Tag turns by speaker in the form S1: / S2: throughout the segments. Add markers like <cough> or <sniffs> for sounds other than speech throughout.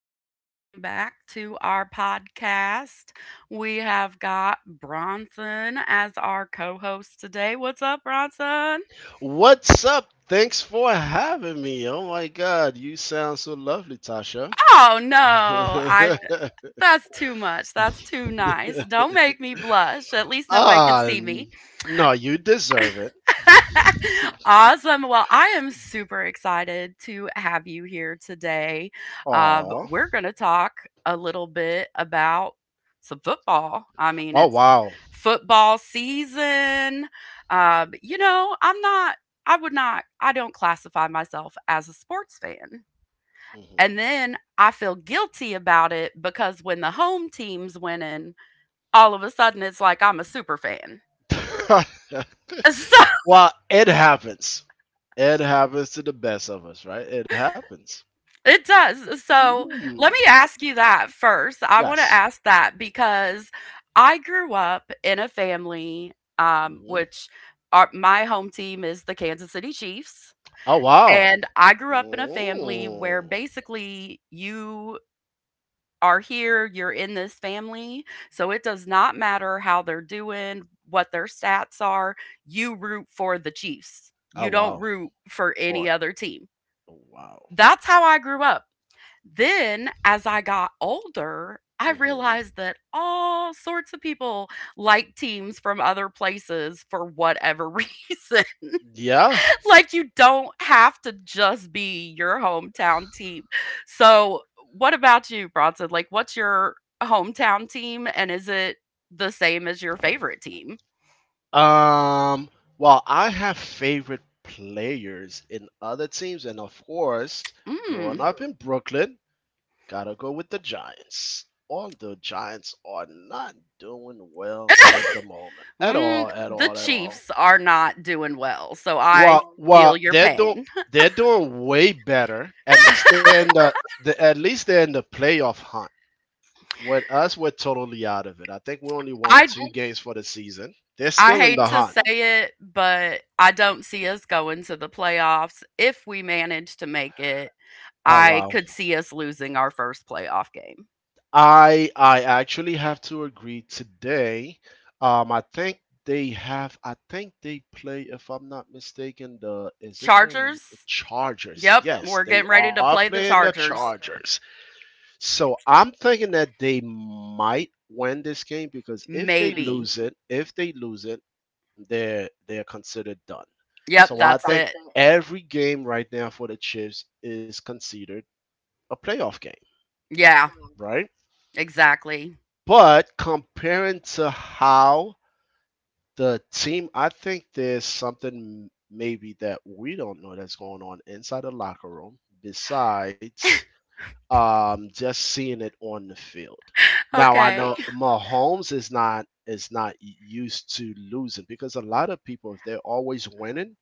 S1: or welcome back to our podcast. We have got Bronson as our co host today. What's up, Bronson?
S2: What's up? Thanks for having me. Oh my god, you sound so lovely, Tasha.
S1: Oh, no, I, that's too much. That's too nice.
S2: <laughs>
S1: Don't make me blush. At least nobody could
S2: ah,
S1: see me.
S2: n- no, you deserve it.
S1: <laughs> Awesome. Well, I am super excited to have you here today. Um,
S2: Aw.
S1: we're going to talk a little bit about some football. I mean,
S2: Oh,
S1: it's
S2: wow.
S1: football season. You know, I'm not, I would not, I don't classify myself as a sports fan. And then I feel guilty about it because when the home team's winning, all of a sudden it's like I'm a super fan.
S2: Mhm. <laughs>
S1: <laughs> So
S2: It happens. It happens to the best of us, right? It happens.
S1: it does. So
S2: Mm.
S1: let me ask you that first. I want to
S2: Yes.
S1: ask that because I grew up in a family, um,
S2: Mhm.
S1: which my home team is the Kansas City Chiefs.
S2: Oh, wow.
S1: And I grew up in a family where
S2: Mm.
S1: basically you are here, you're in this family. So it does not matter how they're doing, what their stats are. You root for the Chiefs,
S2: Oh,
S1: you don't
S2: wow.
S1: root for any
S2: For,
S1: other team.
S2: oh, wow.
S1: That's how I grew up. Then, as I got older, I
S2: Hmm.
S1: realized that all sorts of people like teams from other places for whatever <laughs> reason.
S2: Yeah.
S1: Like, you don't have to just be your hometown team. So, what about you, Bronson? Like, what's your hometown team, and is it the same as your favorite team?
S2: Um, well, I have favorite players in other teams, and of course, growing
S1: Mm.
S2: up in Brooklyn, gotta go with the Giants. Although Giants are not doing well at the moment, at all,
S1: Mm,
S2: at
S1: the
S2: all, at all.
S1: Chiefs are not doing well, so I
S2: Well,
S1: feel
S2: well,
S1: your
S2: they're doing
S1: pain.
S2: they're doing way better. At least they're in the at least they're in the playoff hunt. With us, we're totally out of it. I think we only won
S1: I
S2: two games for the season. They're
S1: I
S2: still in
S1: hate
S2: the
S1: to
S2: hunt.
S1: say it, but I don't see us going to the playoffs. If we manage to make it,
S2: Oh
S1: I
S2: wow.
S1: could see us losing our first playoff game.
S2: I actually have to agree today. I think they have. I think they play, if I'm not mistaken, the is it the
S1: Chargers?
S2: Chargers?
S1: Yep,
S2: Yes,
S1: we're
S2: they
S1: getting ready to
S2: are
S1: play the
S2: playing the
S1: Chargers.
S2: Chargers. So I'm thinking that they might win this game because
S1: Maybe.
S2: if they lose it, they're considered done.
S1: Yep,
S2: So I
S1: that's
S2: think
S1: it.
S2: every game right now for the Chiefs is considered a playoff game,
S1: Yeah,
S2: right?
S1: exactly. <laughs>
S2: But comparing to how the team, I think there's something maybe that we don't know that's going on inside the locker room besides just seeing it on the field. Now I
S1: Okay.
S2: know Mahomes is not used to losing because a lot of people if they're always winning,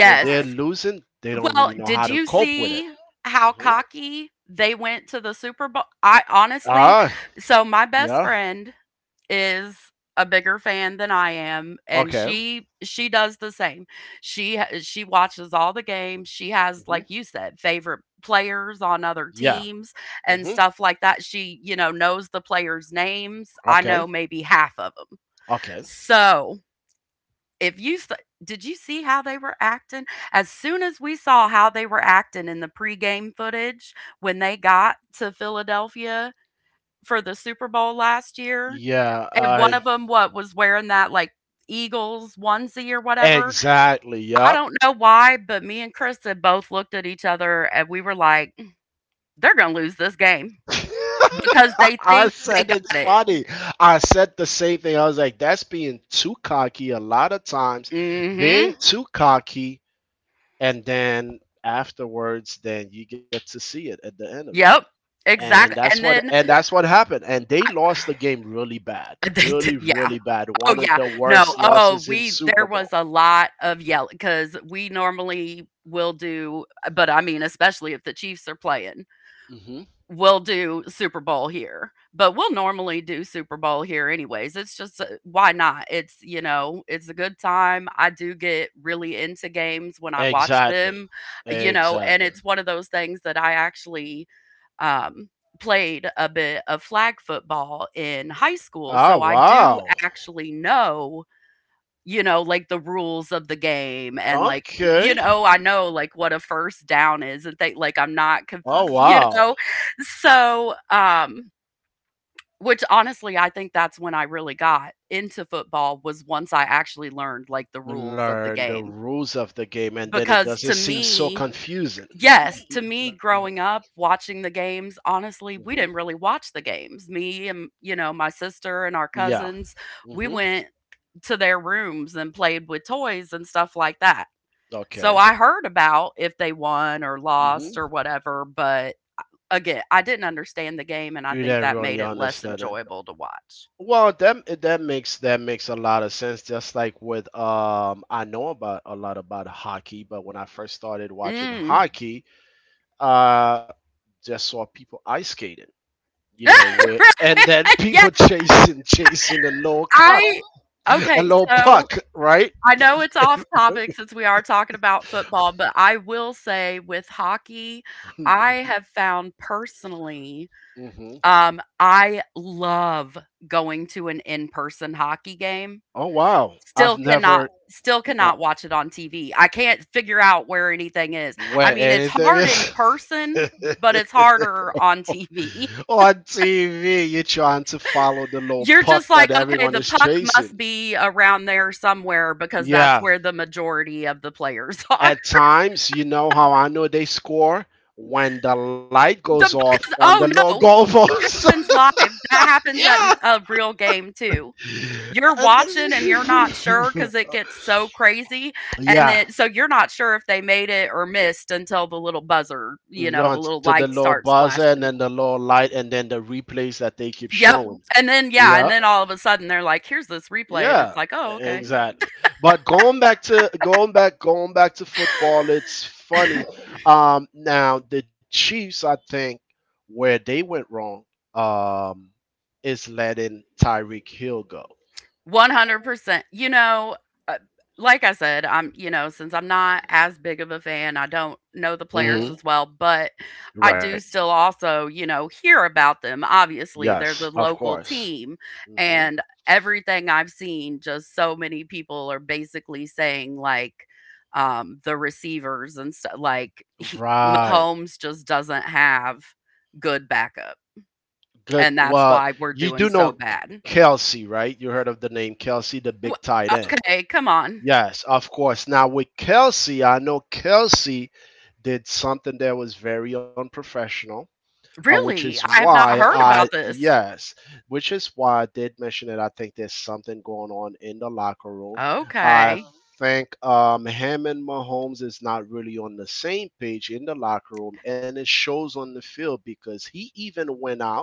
S2: when they're losing, they don't
S1: Well,
S2: really know how
S1: did
S2: to
S1: you
S2: cope with it.
S1: see how
S2: Hmm. <laughs>
S1: cocky they went to the Super Bowl? I honestly,
S2: Ah,
S1: so my best
S2: yeah.
S1: friend is a bigger fan than I am, and
S2: Okay.
S1: she does the same. She watches all the games. She has,
S2: Hmm.
S1: like you said, favorite players on other
S2: Yeah.
S1: teams and
S2: Hmm.
S1: stuff like that. She, you know, knows the players' names. I
S2: Okay.
S1: know maybe half of them.
S2: Okay.
S1: So, if you s- did you see how they were acting, as soon as we saw how they were acting in the pregame footage when they got to Philadelphia for the Super Bowl last year,
S2: Yeah,
S1: and one
S2: I
S1: of them, what, was wearing that, like, Eagles onesie or whatever.
S2: exactly.
S1: I
S2: Yup.
S1: don't know why, but me and Chris had both looked at each other and we were like, "Mm, they're gonna lose this game
S2: <laughs>
S1: because they
S2: I
S1: think they
S2: said
S1: got
S2: it's
S1: it."
S2: funny. I said the same thing. I was like, that's being too cocky a lot of times.
S1: Mm.
S2: Being
S1: Mhm.
S2: too cocky, and then afterwards, then you get to see it at the end of it.
S1: Yep.
S2: And
S1: Exactly.
S2: that's
S1: And
S2: what
S1: then
S2: and that's what happened. And they lost the game really bad.
S1: <laughs> they did,
S2: Really,
S1: yeah.
S2: really bad.
S1: Oh,
S2: One of
S1: yeah.
S2: the
S1: No.
S2: worst
S1: Oh,
S2: losses in
S1: we there
S2: Super
S1: was
S2: Bowl.
S1: a lot of yelling because we normally will do, but, I mean, especially if the Chiefs are playing,
S2: Hmm.
S1: we'll do Super Bowl here, but we'll normally do Super Bowl here anyways. It's just, why not? It's, you know, it's a good time. I do get really into games when I watch
S2: Exactly.
S1: them, you know, and
S2: Exactly.
S1: it's one of those things that I actually um played a bit of flag football in high school,
S2: Oh
S1: so I do
S2: wow.
S1: actually know, you know, like the rules of the game, and, like, you
S2: Okay.
S1: know, I know like what a first down is and think like I'm not conf-
S2: Oh
S1: you
S2: wow.
S1: know. So, which honestly I think that's when I really got into football, was once I actually learned like the rules of the
S2: Learn the
S1: game.
S2: rules of the game, and then it
S1: Because to
S2: doesn't seem so, mm,
S1: me,
S2: confusing.
S1: Yes, to me,
S2: Right.
S1: growing up, watching the games, honestly, we
S2: Hmm.
S1: didn't really watch the games. Me and, you know, my sister and our
S2: Yeah.
S1: cousins, we
S2: Hmm.
S1: went to their rooms and played with toys and stuff like that. So
S2: Okay.
S1: I heard about if they won or lost or
S2: Hmm.
S1: whatever, but again, I didn't understand the game, and I
S2: You
S1: think
S2: didn't
S1: that made
S2: really
S1: it less
S2: understand it.
S1: enjoyable to watch.
S2: Well, that makes a lot of sense. Just like with I know about a lot about hockey, but when I first started watching
S1: Mm. <laughs>
S2: hockey, uh, just saw people ice skating, you know, where and then
S1: Right, yeah,
S2: people <laughs> chasing the low cup.
S1: I
S2: A
S1: okay,
S2: little
S1: so
S2: puck, right?
S1: I know it's off topic since we are talking about football, but I will say with hockey, I
S2: <laughs>
S1: have found personally,
S2: Hmm.
S1: I love going to an in-person hockey game.
S2: Oh wow, I've
S1: Still cannot
S2: never
S1: still
S2: not
S1: cannot watch it on TV. I can't figure out where anything is. I
S2: where
S1: mean, it's
S2: anything
S1: hard in
S2: is.
S1: person, but
S2: <laughs>
S1: it's harder on TV. <laughs>
S2: On TV, you're trying to follow the little
S1: You're
S2: puck
S1: just like,
S2: that
S1: "Okay,
S2: everyone
S1: the
S2: is
S1: puck must
S2: chasing.
S1: be around there somewhere because that's
S2: Yeah,
S1: where the majority of the players <laughs> are."
S2: at times, you know how I know they score when the light goes
S1: The
S2: off
S1: because
S2: on the
S1: oh
S2: little
S1: no, that
S2: goalpost.
S1: happens live. That
S2: <laughs>
S1: happens
S2: Yeah.
S1: at a real game too. You're
S2: And
S1: watching and you're not sure because
S2: then
S1: it gets so crazy, and then
S2: <laughs> yeah.
S1: so you're not sure if they made it or missed until the little buzzer, you know, the
S2: Down
S1: little
S2: to the
S1: light
S2: low
S1: starts
S2: buzzer and
S1: flashing.
S2: then the low light and then the replays that they keep
S1: Yep,
S2: showing.
S1: and
S2: Yeah,
S1: then all of a sudden they're like, "Here's this replay," and it's
S2: yeah,
S1: like, "Oh, okay."
S2: exactly. But going back going back to football, it's funny. Now the Chiefs, I think, where they went wrong, um, is letting Tyreek Hill go.
S1: 100%. You know, uh, like I said, I'm, you know, since I'm not as big of a fan, I don't know the players
S2: Hmm.
S1: as well, but I
S2: Right.
S1: do still also, you know, hear about them. Obviously, they're
S2: Yes,
S1: the
S2: of
S1: local
S2: course.
S1: team.
S2: Hmm.
S1: And everything I've seen, just so many people are basically saying, like, the receivers and stuff, like, he,
S2: Right.
S1: Mahomes just doesn't have good backup.
S2: Good.
S1: And that's
S2: Well,
S1: why we're
S2: you do
S1: doing
S2: know
S1: so bad.
S2: Kelsey, right? You heard of the name Kelsey, the big
S1: Wh-
S2: tight end.
S1: Okay, come on.
S2: Yes, of course. Now with Kelsey, I know Kelsey did something that was very unprofessional, uh, which is
S1: Really? I have
S2: why
S1: not heard
S2: I
S1: about this.
S2: yes, which is why I did mention it. I think there's something going on in the locker room. I
S1: Okay.
S2: think him and Mahomes is not really on the same page in the locker room, and it shows on the field because he even went out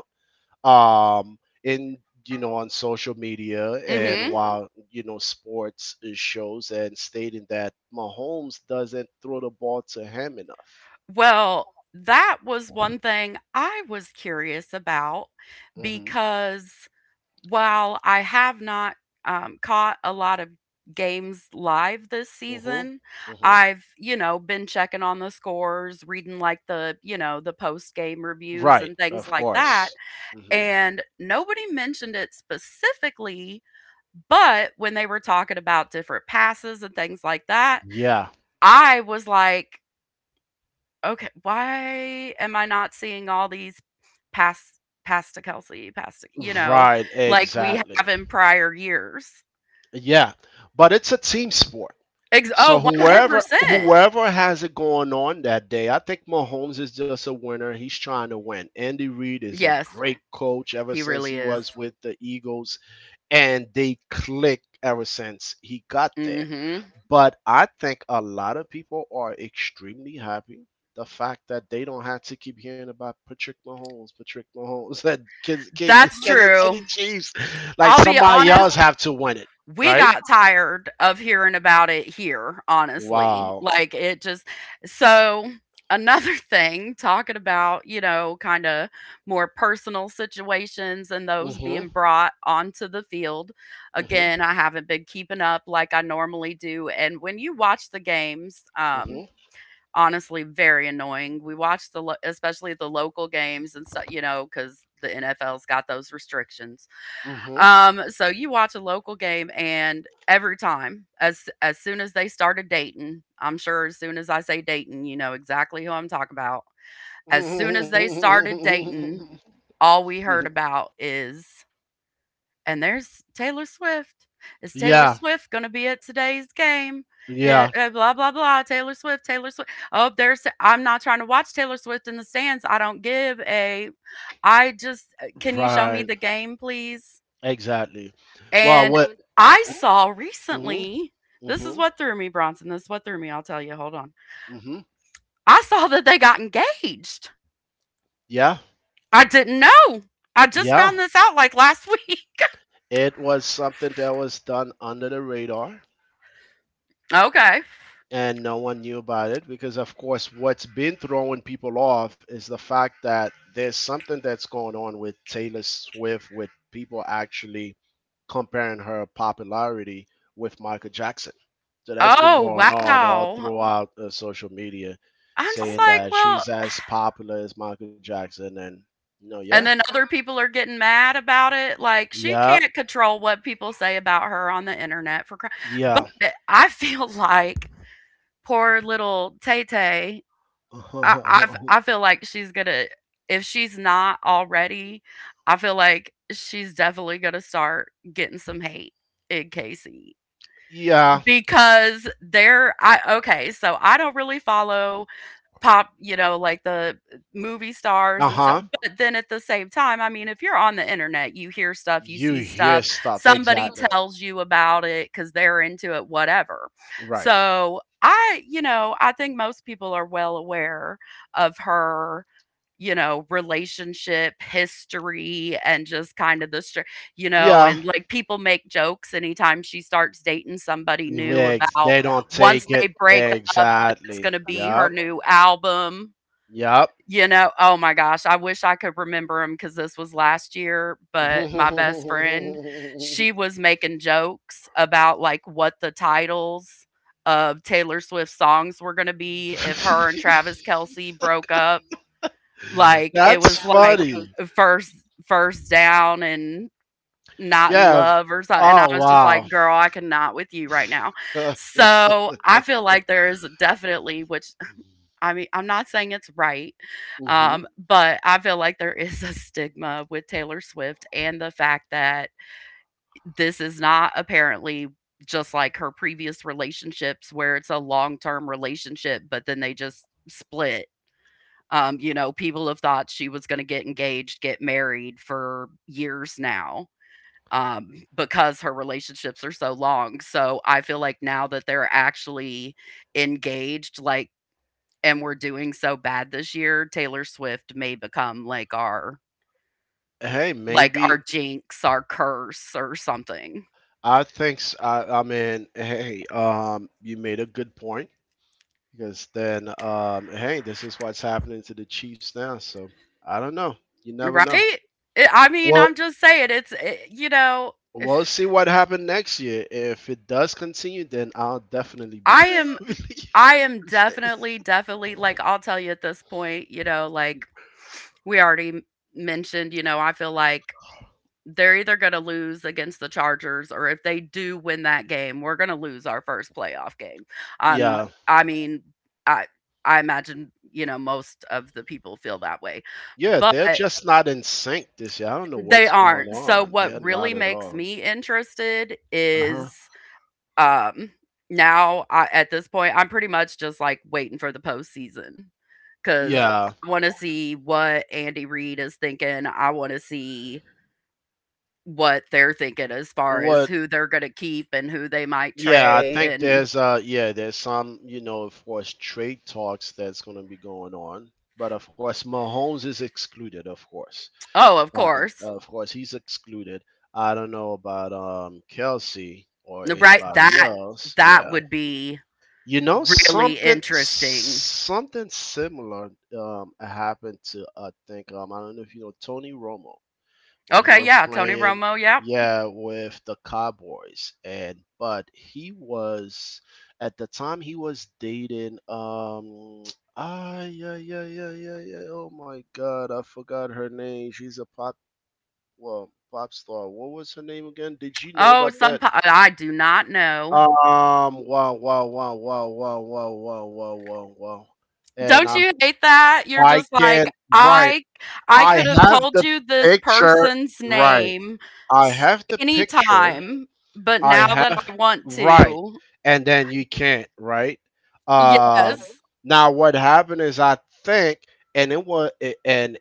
S2: um in you know on social media and
S1: Mhm.
S2: while you know sports shows and stating that Mahomes doesn't throw the ball to him enough.
S1: Well, that was one thing I was curious about
S2: Mhm.
S1: because while I have not, caught a lot of games live this
S2: Mhm.
S1: season,
S2: Mhm.
S1: I've, you know, been checking on the scores, reading, like, the you know, the post-game reviews
S2: Right,
S1: and
S2: of
S1: things like
S2: course.
S1: that,
S2: Mhm.
S1: and nobody mentioned it specifically, but when they were talking about different passes and things like that,
S2: Yeah.
S1: I was like, okay, why am I not seeing all these pass pass to Kelsey, pass to, you know,
S2: Right,
S1: like we
S2: exactly.
S1: have in prior years?
S2: Yeah. But it's a team sport.
S1: Oh,
S2: So whoever
S1: 100%.
S2: whoever has it going on that day, I think Mahomes is just a winner. He's trying to win. Andy Reid is a
S1: Yes,
S2: great coach ever
S1: he
S2: since he
S1: really
S2: was
S1: is.
S2: with the Eagles, and they clicked ever since he got there.
S1: Mhm.
S2: But I think a lot of people are extremely happy the fact that they don't have to keep hearing about Patrick Mahomes, Patrick Mahomes, <laughs> and Kansas
S1: That's
S2: Kansas City
S1: true.
S2: Chiefs, like
S1: I'll be
S2: somebody
S1: honest,
S2: else have to win it,
S1: we
S2: right?
S1: got tired of hearing about it here, honestly.
S2: Wow.
S1: Like, it just, so, another <laughs> thing, talking about, you know, kinda more personal situations and those
S2: Mhm.
S1: being brought onto the field.
S2: Mhm.
S1: Again, I haven't been keeping up like I normally do, and when you watch the games,
S2: Mhm.
S1: honestly, very annoying. We watch the lo especially the local games and stuff, you know, because the NFL's got those restrictions.
S2: Mm-hmm.
S1: So you watch a local game, and every time, as soon as they started dating, I'm sure as soon as I say dating, you know exactly who I'm talking about. As soon as they started dating, all we heard about is, and there's Taylor Swift.
S2: <laughs>
S1: Is Taylor
S2: Yeah.
S1: Swift going to be at today's game? Eh,
S2: Yeah.
S1: eh, blah blah blah. Taylor Swift. Taylor Swift. Oh, there's. I'm not trying to watch Taylor Swift in the stands. I don't give a. I just. Can you show me
S2: Right.
S1: the game, please?
S2: Exactly. Well,
S1: And
S2: what?
S1: I saw
S2: Mm-hmm.
S1: recently, this is
S2: Mm-hmm.
S1: what threw me, Bronson. This is what threw me. I'll tell you. Hold on.
S2: Mm-hmm.
S1: I saw that they got engaged.
S2: Yeah.
S1: I didn't know. I just
S2: Yeah.
S1: found this out like last week. <laughs>
S2: It was something that was done under the radar,
S1: Okay.
S2: and no one knew about it because of course what's been throwing people off is the fact that there's something that's going on with Taylor Swift with people actually comparing her popularity with Michael Jackson. So that's been
S1: Oh,
S2: going on all
S1: wow.
S2: throughout social media
S1: I'm just
S2: saying
S1: like,
S2: that
S1: well,
S2: she's as popular as Michael Jackson and you know yeah.
S1: and then other people are getting mad about it. Like, she
S2: Yeah,
S1: can't control what people say about her on the internet for crying. But
S2: yeah.
S1: I feel <laughs> like poor little Tay Tay, I
S2: <laughs>
S1: feel like she's gonna, if she's not already, I feel like she's definitely gonna start getting some hate in Casey,
S2: Yeah,
S1: because they're, I okay, so I don't really follow pop, you know, like the movie stars and
S2: uh-huh.
S1: stuff. But then at the same time, I mean, if you're on the internet, you hear stuff, you
S2: You
S1: see
S2: hear
S1: stuff,
S2: stuff
S1: somebody
S2: exactly.
S1: tells you about it because they're into it, whatever.
S2: Right.
S1: So I, you know, I think most people are well aware of her, you know, relationship history and just kind of the str you know,
S2: Yeah,
S1: and, like, people make jokes anytime she starts dating somebody new
S2: eggs.
S1: about
S2: They don't
S1: once
S2: take
S1: they
S2: it.
S1: break up, that's
S2: Exactly.
S1: gonna be her
S2: Yep.
S1: new album,
S2: Yep.
S1: you know? Oh my gosh, I wish I could remember him because this was last year, but my best friend, she
S2: <laughs>
S1: was making jokes about, like, what the titles of Taylor Swift songs were gonna be if her and Travis Kelsey broke up. Like, it
S2: That's
S1: was like
S2: funny.
S1: first first down and not in
S2: Yeah.
S1: love or something, and I
S2: Oh
S1: was just
S2: wow.
S1: like, "Girl, I cannot with you right now."
S2: <laughs>
S1: So, I feel like there is definitely, which I mean, I'm not saying it's right,
S2: Hmm.
S1: but I feel like there <laughs> is a stigma with Taylor Swift and the fact that this is not, apparently, just like her previous relationships where it's a long-term relationship, but then they just split. You know, people have thought she was going to get engaged, get married for years now, because her relationships are so long. So I feel like now that they're actually engaged, like, and we're doing so bad this year, Taylor Swift may become
S2: Hey,
S1: like
S2: maybe
S1: our jinx, our curse, or something,
S2: I, mean, hey, you made a good point because then, hey, this is what's happening to the Chiefs now. So I don't know. You never
S1: right?
S2: know.
S1: I mean,
S2: Well,
S1: I'm just saying, it's <sighs>
S2: we'll
S1: if
S2: see what happened next year. If it does continue, then I'll definitely be.
S1: I
S2: <laughs>
S1: am
S2: Be leaving.
S1: I am definitely, definitely like I'll tell you at this point, you know, like we already mentioned, you know, I feel like they're either going to lose against the Chargers or if they do win that game, we're going to lose our first playoff game. Um
S2: Yeah,
S1: I mean, I I imagine, you know, most of the people feel that way.
S2: yeah,
S1: But
S2: they're just not in sync this year. I don't know
S1: they
S2: what's going
S1: aren't. So
S2: on.
S1: what
S2: They're
S1: really
S2: not at
S1: makes
S2: all.
S1: me interested
S2: Uh huh.
S1: is um, now at this point, I'm pretty much just like waiting for the postseason because
S2: Yeah.
S1: I want to see what Andy Reid is thinking. I want to see what they're thinking as far as
S2: What?
S1: who they're going to keep and who they might
S2: Yeah, I
S1: trade.
S2: think
S1: And
S2: there's there's some you know of course trade talks that's going to be going on, but of course Mahomes is excluded.
S1: oh, of
S2: Uh,
S1: course,
S2: of course he's excluded. I don't know about Kelsey or
S1: right,
S2: anybody
S1: that
S2: else.
S1: that
S2: Yeah.
S1: would be
S2: You know
S1: really
S2: something
S1: interesting.
S2: something similar happened to I think I don't know if you know Tony Romo when he
S1: Okay,
S2: was
S1: yeah, Tony
S2: playing
S1: Romo, yep.
S2: yeah with the Cowboys and but he was at the time he was dating <tsk> yeah oh my god I forgot her name she's a pop star what was her name again did you know
S1: Oh,
S2: about
S1: some
S2: that.
S1: po- I do not know.
S2: um, wow, wow, wow, wow, wow, wow, wow, wow, wow, wow. And
S1: Don't you hate that? You're
S2: I
S1: just
S2: can,
S1: like,
S2: right.
S1: I
S2: I
S1: could have
S2: have
S1: told
S2: the
S1: you this
S2: picture,
S1: person's
S2: right.
S1: name
S2: I
S1: s
S2: have the picture.
S1: anytime, but
S2: I
S1: now that
S2: have
S1: I want
S2: right,
S1: to."
S2: and then you can't right. Um,
S1: Yes.
S2: Now what happened is I think, and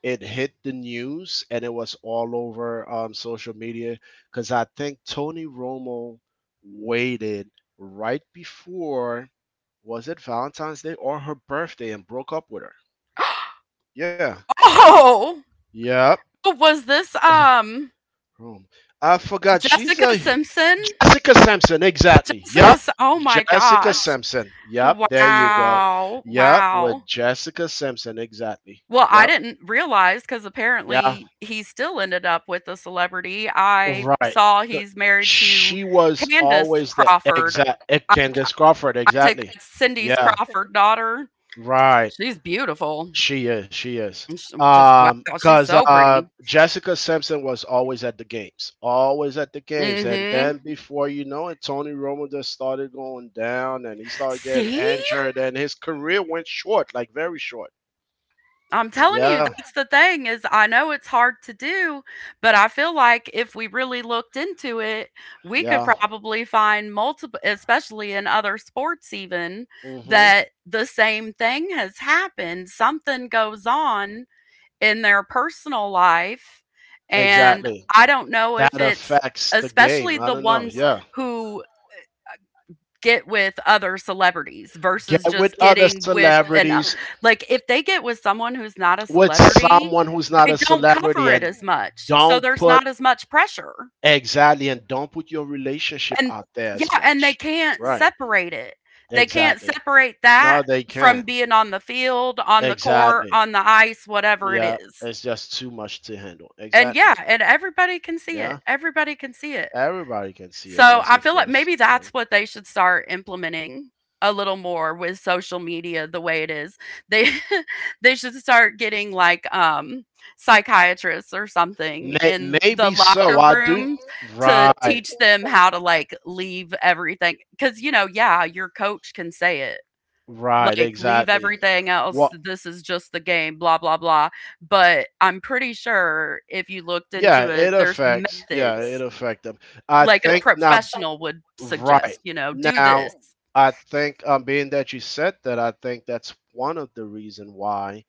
S2: it hit the news, and it was all over social media because I think Tony Romo waited right before was it Valentine's Day or her birthday and broke up with her. Yeah.
S1: Oh!
S2: Yep.
S1: Was this,
S2: <laughs> Rome. I forgot. She's
S1: Jessica
S2: a
S1: Simpson?
S2: Jessica Simpson. Exactly.
S1: Jessica
S2: Yep.
S1: Si oh my
S2: Jessica
S1: gosh.
S2: Simpson. Yep. There you go.
S1: Wow,
S2: Yep. With
S1: wow.
S2: Jessica Simpson. Exactly.
S1: Well,
S2: Yep.
S1: I didn't realize because
S2: Yeah.
S1: apparently he still ended up with a celebrity. I
S2: Right.
S1: saw
S2: Good.
S1: he's married to
S2: She was
S1: Candace
S2: always the
S1: Crawford.
S2: exact
S1: I,
S2: Candace Crawford.
S1: I take
S2: Exactly.
S1: that Cindy's
S2: Yeah.
S1: Crawford daughter.
S2: Right.
S1: She's beautiful.
S2: She is. She is.
S1: And sh- just wow, she's
S2: Because
S1: so pretty.
S2: Jessica Simpson was always at the games, always at the games, and
S1: Mm-hmm.
S2: then before you know it, Tony Romo just started going down, and he started getting
S1: See?
S2: injured, and his career went short, like very short.
S1: I'm telling you,
S2: Yeah,
S1: that's the thing is I know it's hard to do, but I feel like if we really looked into it, we could
S2: yeah.
S1: probably find multiple especially in other sports even
S2: Mhm.
S1: that the same thing has happened. Something goes on in their personal life, and
S2: Exactly.
S1: I don't know
S2: That
S1: if it's
S2: affects the game.
S1: especially
S2: I
S1: the
S2: don't know.
S1: ones
S2: Yeah.
S1: who get with other celebrities versus
S2: Get with
S1: just
S2: other
S1: getting with an
S2: celebrities,
S1: like, if they get with someone who's not a
S2: with
S1: celebrity,
S2: someone who's not a
S1: they don't
S2: celebrity,
S1: cover
S2: and
S1: it as much,
S2: don't
S1: so there's
S2: put
S1: not as much pressure,
S2: exactly, and don't put your relationship
S1: and
S2: out there
S1: yeah,
S2: as
S1: and they
S2: much.
S1: can't
S2: Right.
S1: separate it. They can't
S2: Exactly.
S1: separate
S2: No,
S1: that
S2: they
S1: from
S2: can't.
S1: being on the field, on the court,
S2: Exactly.
S1: on the ice, whatever it
S2: Yeah,
S1: is,
S2: it's just too much to handle.
S1: and
S2: Exactly.
S1: yeah, and everybody can see it,
S2: Yeah.
S1: everybody can see it.
S2: Everybody can see it.
S1: So
S2: Yes,
S1: I
S2: of
S1: feel like
S2: course.
S1: maybe
S2: Yeah.
S1: that's what they should start implementing a little more with social media the way it is. They <laughs> they should start getting like psychiatrists or something
S2: May-
S1: in the
S2: maybe so.
S1: locker
S2: I do.
S1: room
S2: Right.
S1: to teach them how to like leave everything cuz you know, yeah, your coach can say it.
S2: Right.
S1: Like leave
S2: Exactly.
S1: everything else. This is just the game, blah blah blah. But I'm pretty sure if you looked
S2: Yeah,
S1: into it,
S2: it
S1: there's
S2: affects. Yeah, it
S1: methods
S2: affect them. I
S1: like a
S2: think now,
S1: professional would
S2: right
S1: suggest, you know, do
S2: now,
S1: this.
S2: I think being that you said that, I think that's one of the reason why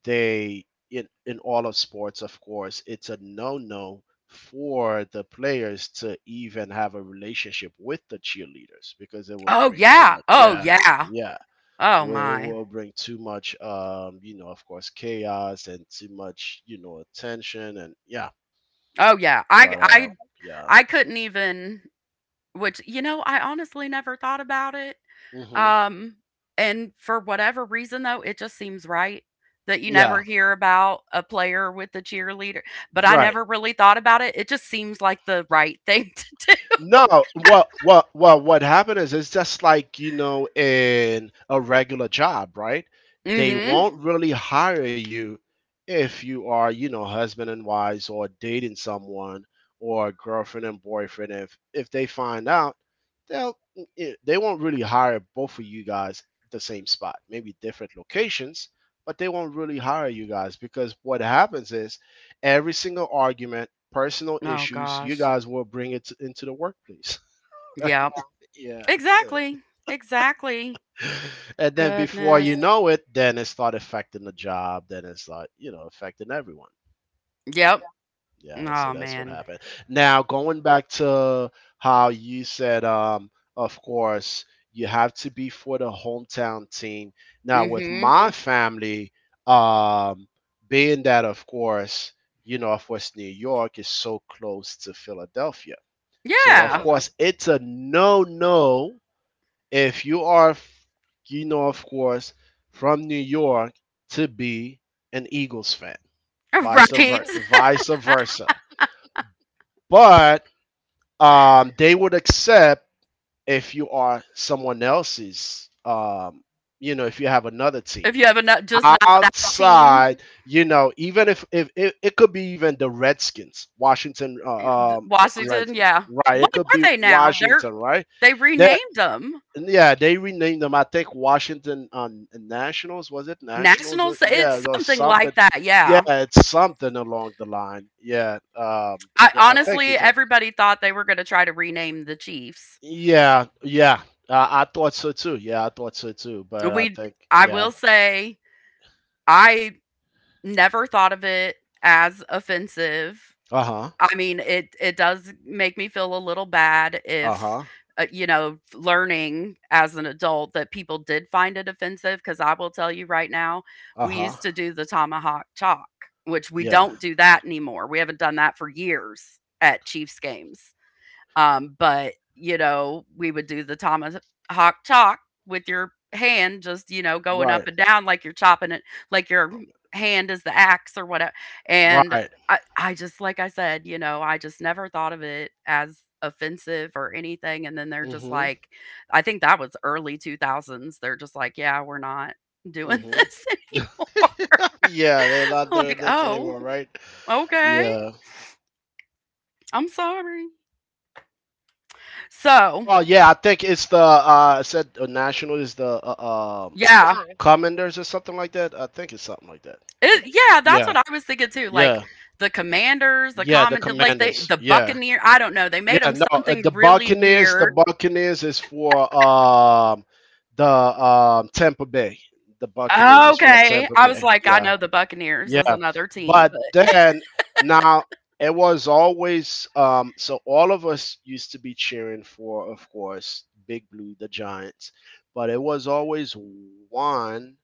S2: they in all of sports, of course, it's a no-no for the players to even have a relationship with the cheerleaders because it will
S1: Oh,
S2: bring too
S1: yeah.
S2: much.
S1: Oh,
S2: Yeah,
S1: yeah.
S2: yeah.
S1: Oh,
S2: Where it
S1: my.
S2: will bring too much, you know, of course, chaos and too much, you know, attention and yeah.
S1: Oh, yeah.
S2: But yeah,
S1: I couldn't even which you know, I honestly never thought about it,
S2: hmm
S1: um, and for whatever reason, though, it just seems right that you never
S2: yeah,
S1: hear about a player with a cheerleader, but I
S2: right.
S1: never really thought about it. It just seems like the right thing <laughs> to
S2: No, what happened is it's just like, you know, in a regular job, right?
S1: do.
S2: They
S1: Mhm.
S2: won't really hire you if you are, you know, husband and wives or dating someone or girlfriend and boyfriend. If they find out, they'll they won't really hire both of you guys the same spot, maybe different locations, but they won't really hire you guys because what happens is every single argument personal
S1: Oh
S2: issues, you
S1: gosh.
S2: guys will bring into the workplace. <laughs> Right?
S1: Yeah.
S2: Yeah. So,
S1: Exactly. Exactly.
S2: and then before you
S1: Goodness.
S2: know it, then it start affecting the job. Then it's like you know affecting everyone. You know?
S1: Yep.
S2: Yeah. So
S1: Oh
S2: that's what
S1: man.
S2: happened. Now going back to how you said, of course you have to be for the hometown team. Now with
S1: Mhm.
S2: my family, um, being that of course New York is so close to Philadelphia. So of
S1: Yeah.
S2: course it's a no no if you are you know of course from New York to be an Eagles fan.
S1: <laughs>
S2: Vice
S1: Right.
S2: versa, <laughs> vice versa. But they would accept if you are someone else's you know if you have another team
S1: If you have enough, just not that team,
S2: outside, you know, even if it could be even the redskins, washington,
S1: th- Washington.
S2: redskins,
S1: Yeah.
S2: right, it
S1: What
S2: could
S1: are
S2: be
S1: they now? They're
S2: washington, right,
S1: they
S2: they,
S1: renamed them
S2: yeah, they renamed them. I think Washington on Nationals. Was it Nationals?
S1: Nationals.
S2: Yeah,
S1: It's
S2: or
S1: something
S2: something.
S1: like that.
S2: Yeah,
S1: Yeah.
S2: it's something along the line. Yeah,
S1: I
S2: I think
S1: honestly,
S2: it's. A,
S1: everybody thought they were going to try to rename the Chiefs.
S2: yeah, yeah. I thought so too. Yeah, I thought so too. But I
S1: We.
S2: think
S1: I
S2: yeah.
S1: will say, I never thought of it as offensive.
S2: Uh huh.
S1: I mean, it does make me feel a little bad
S2: Uh
S1: if,
S2: huh.
S1: you know, learning as an adult that people did find it offensive. Because I will tell you right now,
S2: Uh
S1: we
S2: huh.
S1: used to do the tomahawk chalk, which we
S2: Yeah.
S1: don't do that anymore. We haven't done that for years at Chiefs games. But, you know, we would do the tomahawk chalk with your hand just, you know, going up
S2: Right.
S1: and down like you're chopping it, like your
S2: Um,
S1: hand is the axe or whatever. And
S2: Right.
S1: I just, like I said, you know, I just never thought of it as offensive or anything. And then they're just
S2: Mhm.
S1: like, I think that was early 2000s. They're just like, yeah, we're not doing <laughs>
S2: Mhm.
S1: this anymore.
S2: <laughs> Yeah, they're
S1: <laughs>
S2: not doing
S1: Like,
S2: this
S1: oh,
S2: anymore, right?
S1: okay.
S2: Yeah.
S1: I'm sorry. So,
S2: Well, yeah, I think it's the I said national is the
S1: yeah,
S2: Commanders or something like that. I think it's something like that. The,
S1: it yeah, that's
S2: yeah,
S1: what I was thinking too, like,
S2: yeah,
S1: the Commanders, the
S2: yeah. The
S1: Common like, they
S2: Commanders.
S1: the
S2: Yeah,
S1: Buccaneer I don't know, they made
S2: yeah.
S1: them
S2: No, the
S1: something really
S2: Buccaneers. The
S1: weird.
S2: Buccaneers is for the Tampa Bay. The Buccaneers is for
S1: Okay,
S2: Tampa
S1: I was
S2: Bay.
S1: like, I
S2: Yeah.
S1: know the Buccaneers is
S2: Yeah,
S1: another team,
S2: but
S1: but
S2: then now it was always so all of us used to be cheering for, of course, Big Blue, the Giants, but it was always one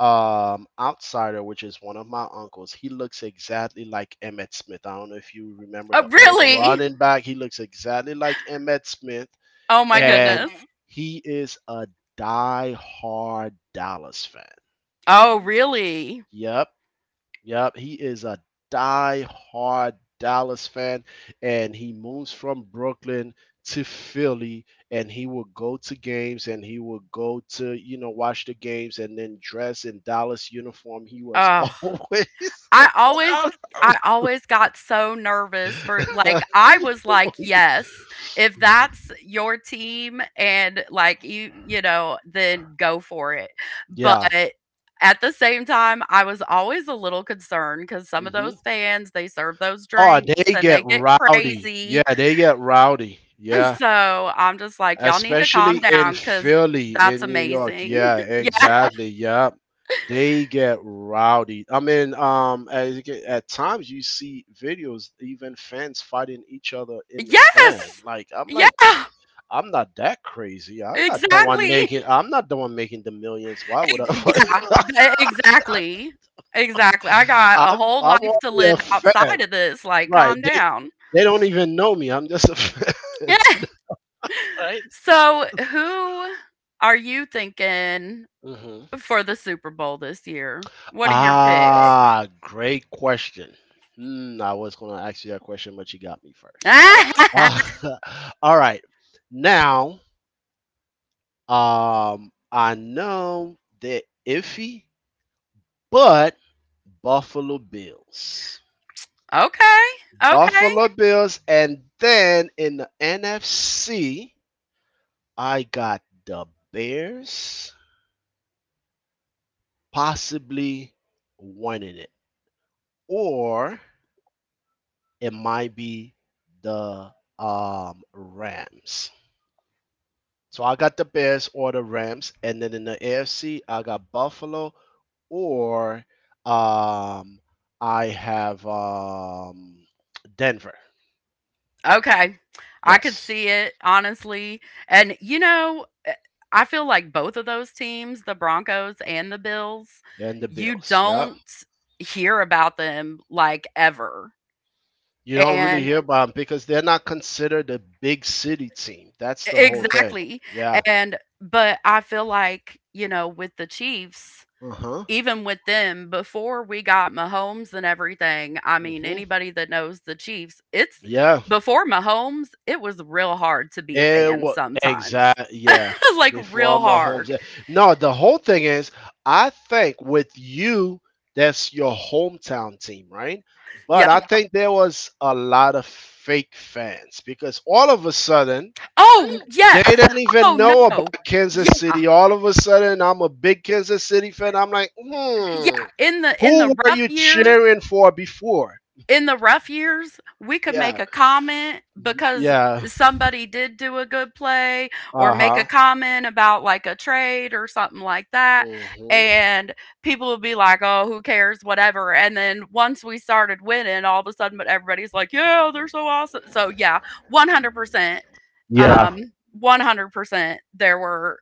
S2: outsider, which is one of my uncles. He looks exactly like Emmett Smith. I don't know if you remember
S1: oh,
S2: the old
S1: really?
S2: running back. He looks exactly like Emmett Smith,
S1: Oh my
S2: and
S1: goodness.
S2: he is a die-hard Dallas fan.
S1: Oh, really?
S2: Yep. Yep, he is a die-hard Dallas fan, and he moves from Brooklyn to Philly, and he will go to games, and he will go to you know watch the games, and then dress in Dallas uniform. He was <laughs>
S1: Ugh.
S2: always,
S1: I always I always got so nervous for like,
S2: <laughs>
S1: I was like, "Yes, if that's your team and, like, you know, then go for it." But
S2: yeah.
S1: at the same time, I was always a little concerned because some of
S2: Hmm.
S1: those fans, they serve those
S2: Oh,
S1: drinks
S2: they
S1: and
S2: get
S1: they get
S2: rowdy.
S1: crazy,
S2: Yeah, they get rowdy.
S1: <laughs>
S2: Yeah.
S1: so I'm just like, "Y'all need to calm
S2: Especially in
S1: down because
S2: Philly,
S1: that's
S2: in New York.
S1: amazing."
S2: Yeah,
S1: <laughs> Yeah.
S2: exactly. Yeah, they get rowdy. I mean, as you at times you see videos, even fans fighting each other in the stand.
S1: Yes! Yeah,
S2: Like, I'm not that crazy. I'm not the one
S1: exactly.
S2: making. I'm not the one making the millions. Why would
S1: Ex yeah,
S2: I? <laughs>
S1: e exactly, exactly. I got a
S2: I'm
S1: whole
S2: I'm
S1: life to
S2: only a
S1: live
S2: fan,
S1: outside of this, like,
S2: right?
S1: calm
S2: They
S1: down.
S2: they don't even know me. I'm just a <laughs> fan,
S1: <laughs> So, who are you thinking
S2: right?
S1: for the Super Bowl this year? What are your picks? <laughs>
S2: Ah, great question. Hmm, I was going to ask you that question, but you got me first. <laughs> All right. Now, I know they're iffy, but Buffalo Bills.
S1: Okay, okay.
S2: Buffalo Bills. And then in the NFC, I got the Bears possibly winning it. Or it might be the Rams. So I got the Bears or the Rams, and then in the AFC I got Buffalo or um, I have Denver.
S1: Okay. I could
S2: Yes,
S1: see it, honestly. And, you know, eh, I feel like both of those teams, the Broncos and the Bills,
S2: then the
S1: you
S2: Bills. Yep.
S1: don't hear about them like ever.
S2: You don't really
S1: And
S2: hear about them because they're not considered a big city team. That's
S1: e,
S2: the whole thing.
S1: exactly.
S2: Yeah.
S1: And, but I feel like, you know, with the Chiefs,
S2: Uh huh.
S1: even with them, before we got Mahomes and everything, I mean,
S2: Mm-hmm.
S1: anybody that knows the Chiefs, it's
S2: Yeah.
S1: before Mahomes, it was real hard to be a
S2: It
S1: fan
S2: was
S1: sometimes.
S2: yeah.
S1: <laughs> Like
S2: Before
S1: real hard.
S2: Mahomes, yeah. No, the whole thing is, I think with you, that's your hometown team, right? But I
S1: Yep.
S2: think there was a lot of fake fans because all of a sudden
S1: Oh,
S2: they
S1: yes.
S2: didn't
S1: Oh
S2: even know
S1: no.
S2: about
S1: Yeah.
S2: Kansas City. All of a sudden, I'm a big Kansas City fan. I'm like, hmm,
S1: Yeah. In the
S2: who were
S1: rough
S2: you
S1: years,
S2: cheering for before?
S1: in the rough years, we could
S2: Yeah,
S1: make a comment because
S2: yeah,
S1: somebody did do a good play or
S2: uh
S1: make
S2: huh,
S1: a comment about like a trade or something like that
S2: hmm.
S1: and people would be like, "Oh, who cares, whatever." And then once we started winning, all of a sudden but everybody's like, "Yeah, they're so awesome." So yeah, 100%
S2: Yeah,
S1: 100% there were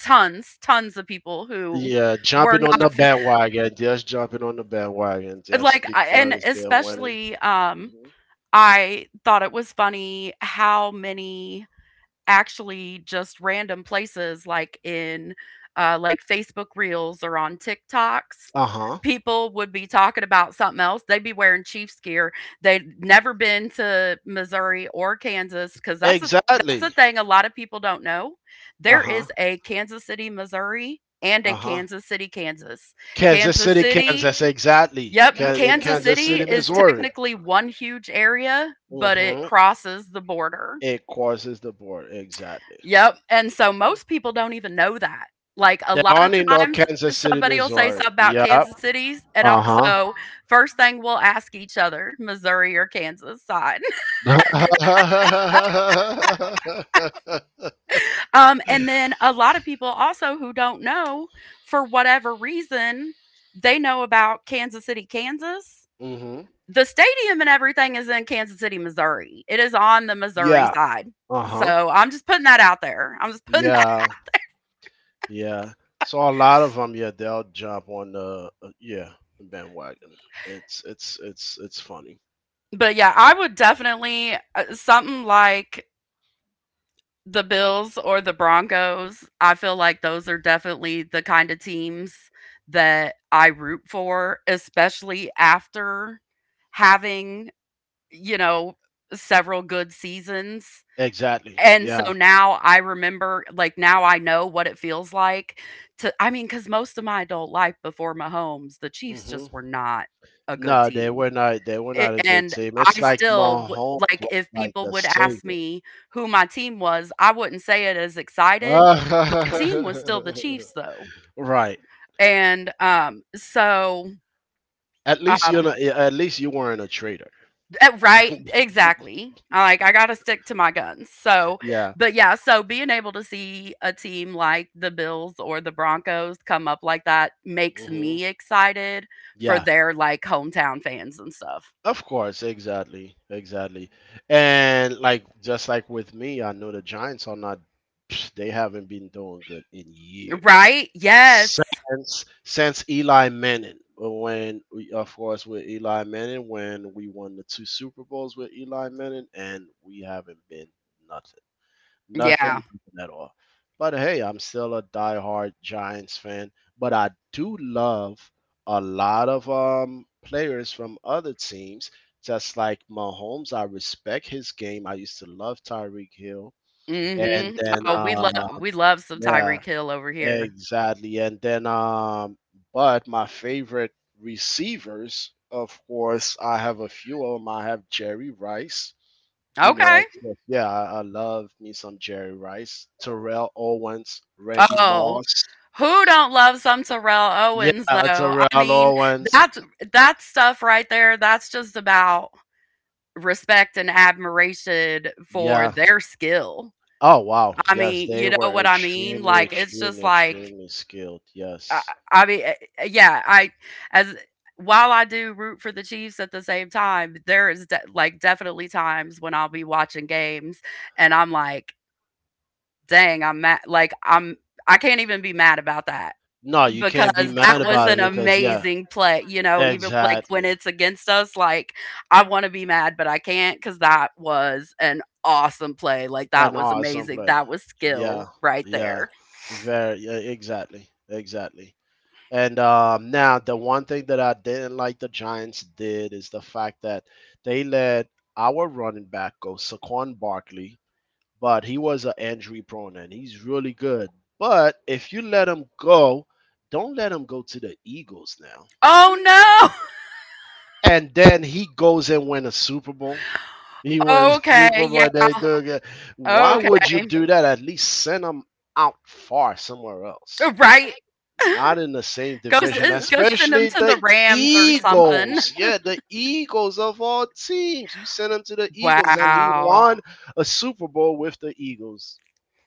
S1: tons of people who
S2: yeah,
S1: were
S2: jumping on
S1: not
S2: the
S1: fa-
S2: bandwagon, just jumping on the bandwagon, just
S1: like I- and
S2: because they're winning.
S1: especially
S2: Hmm.
S1: I thought it was funny how many actually just random places like in, like, Facebook Reels or on TikToks,
S2: Uh huh.
S1: people would be talking about something else. They'd be wearing Chiefs gear. They'd never been to Missouri or Kansas because that's a
S2: Exactly.
S1: thing a lot of people don't know.
S2: Uh
S1: There
S2: huh.
S1: is a Kansas City, Missouri, and
S2: Uh
S1: a
S2: huh.
S1: Kansas City, Kansas.
S2: Kansas
S1: Kansas
S2: City,
S1: City
S2: Kansas, exactly.
S1: yep,
S2: In
S1: Kansas
S2: Kansas
S1: City
S2: City,
S1: is
S2: Missouri.
S1: technically one huge area, but it
S2: Mm-hmm.
S1: crosses the border.
S2: It crosses the board, exactly.
S1: Yep, and so
S2: Mhm.
S1: most people don't even know that. Like, a
S2: They
S1: lot of
S2: only know
S1: times,
S2: Kansas City,
S1: somebody will say
S2: Missouri.
S1: something about
S2: Yep.
S1: Kansas City's, and I'll
S2: Uh huh.
S1: so, first thing we'll ask each other, Missouri or Kansas side. <laughs>
S2: <laughs>
S1: And then a lot of people also who don't know, for whatever reason, they know about Kansas City, Kansas.
S2: Hmm.
S1: The stadium and everything is in Kansas City, Missouri. It is on the Missouri
S2: Yeah.
S1: side.
S2: Uh huh.
S1: So, I'm just putting that out there. I'm just putting that
S2: Yeah. Yeah. So a lot of them, yeah, they'll jump on the yeah, the bandwagon. It's funny.
S1: <laughs> but yeah, I would definitely, something like the Bills or the Broncos, I feel like those are definitely the kind of teams that I root for, especially after having, you know, several good seasons.
S2: Exactly.
S1: And so
S2: Yeah.
S1: now I remember, like, now I know what it feels like to, I mean, because most of my adult life before Mahomes, the Chiefs just
S2: Hmm.
S1: were not a good
S2: No, they
S1: team.
S2: were not. They were
S1: A
S2: not a good
S1: and
S2: team.
S1: I
S2: It's like
S1: still wou
S2: Mahomes
S1: like,
S2: was
S1: if
S2: like
S1: people
S2: the
S1: would ask
S2: savior.
S1: me who my team was, I wouldn't say it as excited.
S2: <laughs>
S1: My team was still the Chiefs, though,
S2: Right.
S1: and, so,
S2: At least you're
S1: um
S2: not. At least you weren't a traitor.
S1: eh, right, exactly. Like, I gotta stick to my guns, so
S2: Yeah.
S1: but, yeah, so being able to see a team like the Bills or the Broncos come up like that makes
S2: Hmm.
S1: me excited for
S2: Yeah.
S1: their, like, hometown fans and stuff.
S2: Of course, exactly, exactly. And like just like with me, I know the Giants are not <sniffs> they haven't been doing good in years.
S1: Right? Yes.
S2: Since Eli Manning, of course with Eli Manning, when we won the two Super Bowls with Eli Manning and we haven't been nothing. Nothing,
S1: Yeah.
S2: yeah. Nothing at all. But hey, I'm still a diehard Giants fan. But I do love a lot of players from other teams, just like Mahomes. I respect his game. I used to love Tyreek Hill. And
S1: Mhm.
S2: then
S1: Oh, we love some
S2: yeah,
S1: Tyreek Hill over here.
S2: exactly. And then but my favorite receivers, of course, I have a few of them. I have Jerry Rice. You know,
S1: Okay.
S2: of yeah, I love me some Jerry Rice, Terrell Owens, Randy
S1: Oh,
S2: Moss.
S1: who don't love some Terrell Owens
S2: Yeah,
S1: though? I
S2: Terrell
S1: mean,
S2: Owens.
S1: that's that stuff right there. That's just about respect and admiration for
S2: Yeah.
S1: their skill.
S2: Oh wow.
S1: I
S2: Yes,
S1: mean,
S2: they
S1: you know
S2: were
S1: what I mean?
S2: extremely,
S1: Like it's just
S2: extremely,
S1: like
S2: extremely skilled.
S1: I,
S2: Yes.
S1: I mean, yeah. I as while I do root for the Chiefs at the same time, there is de- like definitely times when I'll be watching games and I'm like, dang, I'm mad. I can't even be mad about that
S2: No, you
S1: because
S2: can't be mad
S1: that was
S2: about it
S1: an
S2: because yeah,
S1: amazing play. You know, even like when
S2: exactly.
S1: it's against us, like I want to be mad, but I can't because that was an awesome play. Like that
S2: An
S1: was
S2: awesome
S1: amazing.
S2: play.
S1: That was
S2: Yeah.
S1: skill right
S2: Yeah.
S1: there.
S2: Very. Yeah. Exactly. Exactly. And now, the one thing that I didn't like the Giants did is the fact that they let our running back go, Saquon Barkley, but he was an injury prone and he's really good. But if you let him go, don't let him go to the Eagles now.
S1: Oh no. <laughs>
S2: And then he goes and win a Super Bowl. He wins <laughs>
S1: Okay.
S2: Super
S1: Yeah.
S2: Bowl. They do good. Why would you
S1: Okay.
S2: do that? At least send him out far somewhere else.
S1: Right.
S2: Not in the same
S1: Go
S2: division,
S1: s- go send them
S2: especially
S1: to the
S2: the
S1: Rams or something.
S2: Eagles. Yeah, the Eagles of all teams. You sent him to the Eagles, and he
S1: Wow.
S2: won a Super Bowl with the Eagles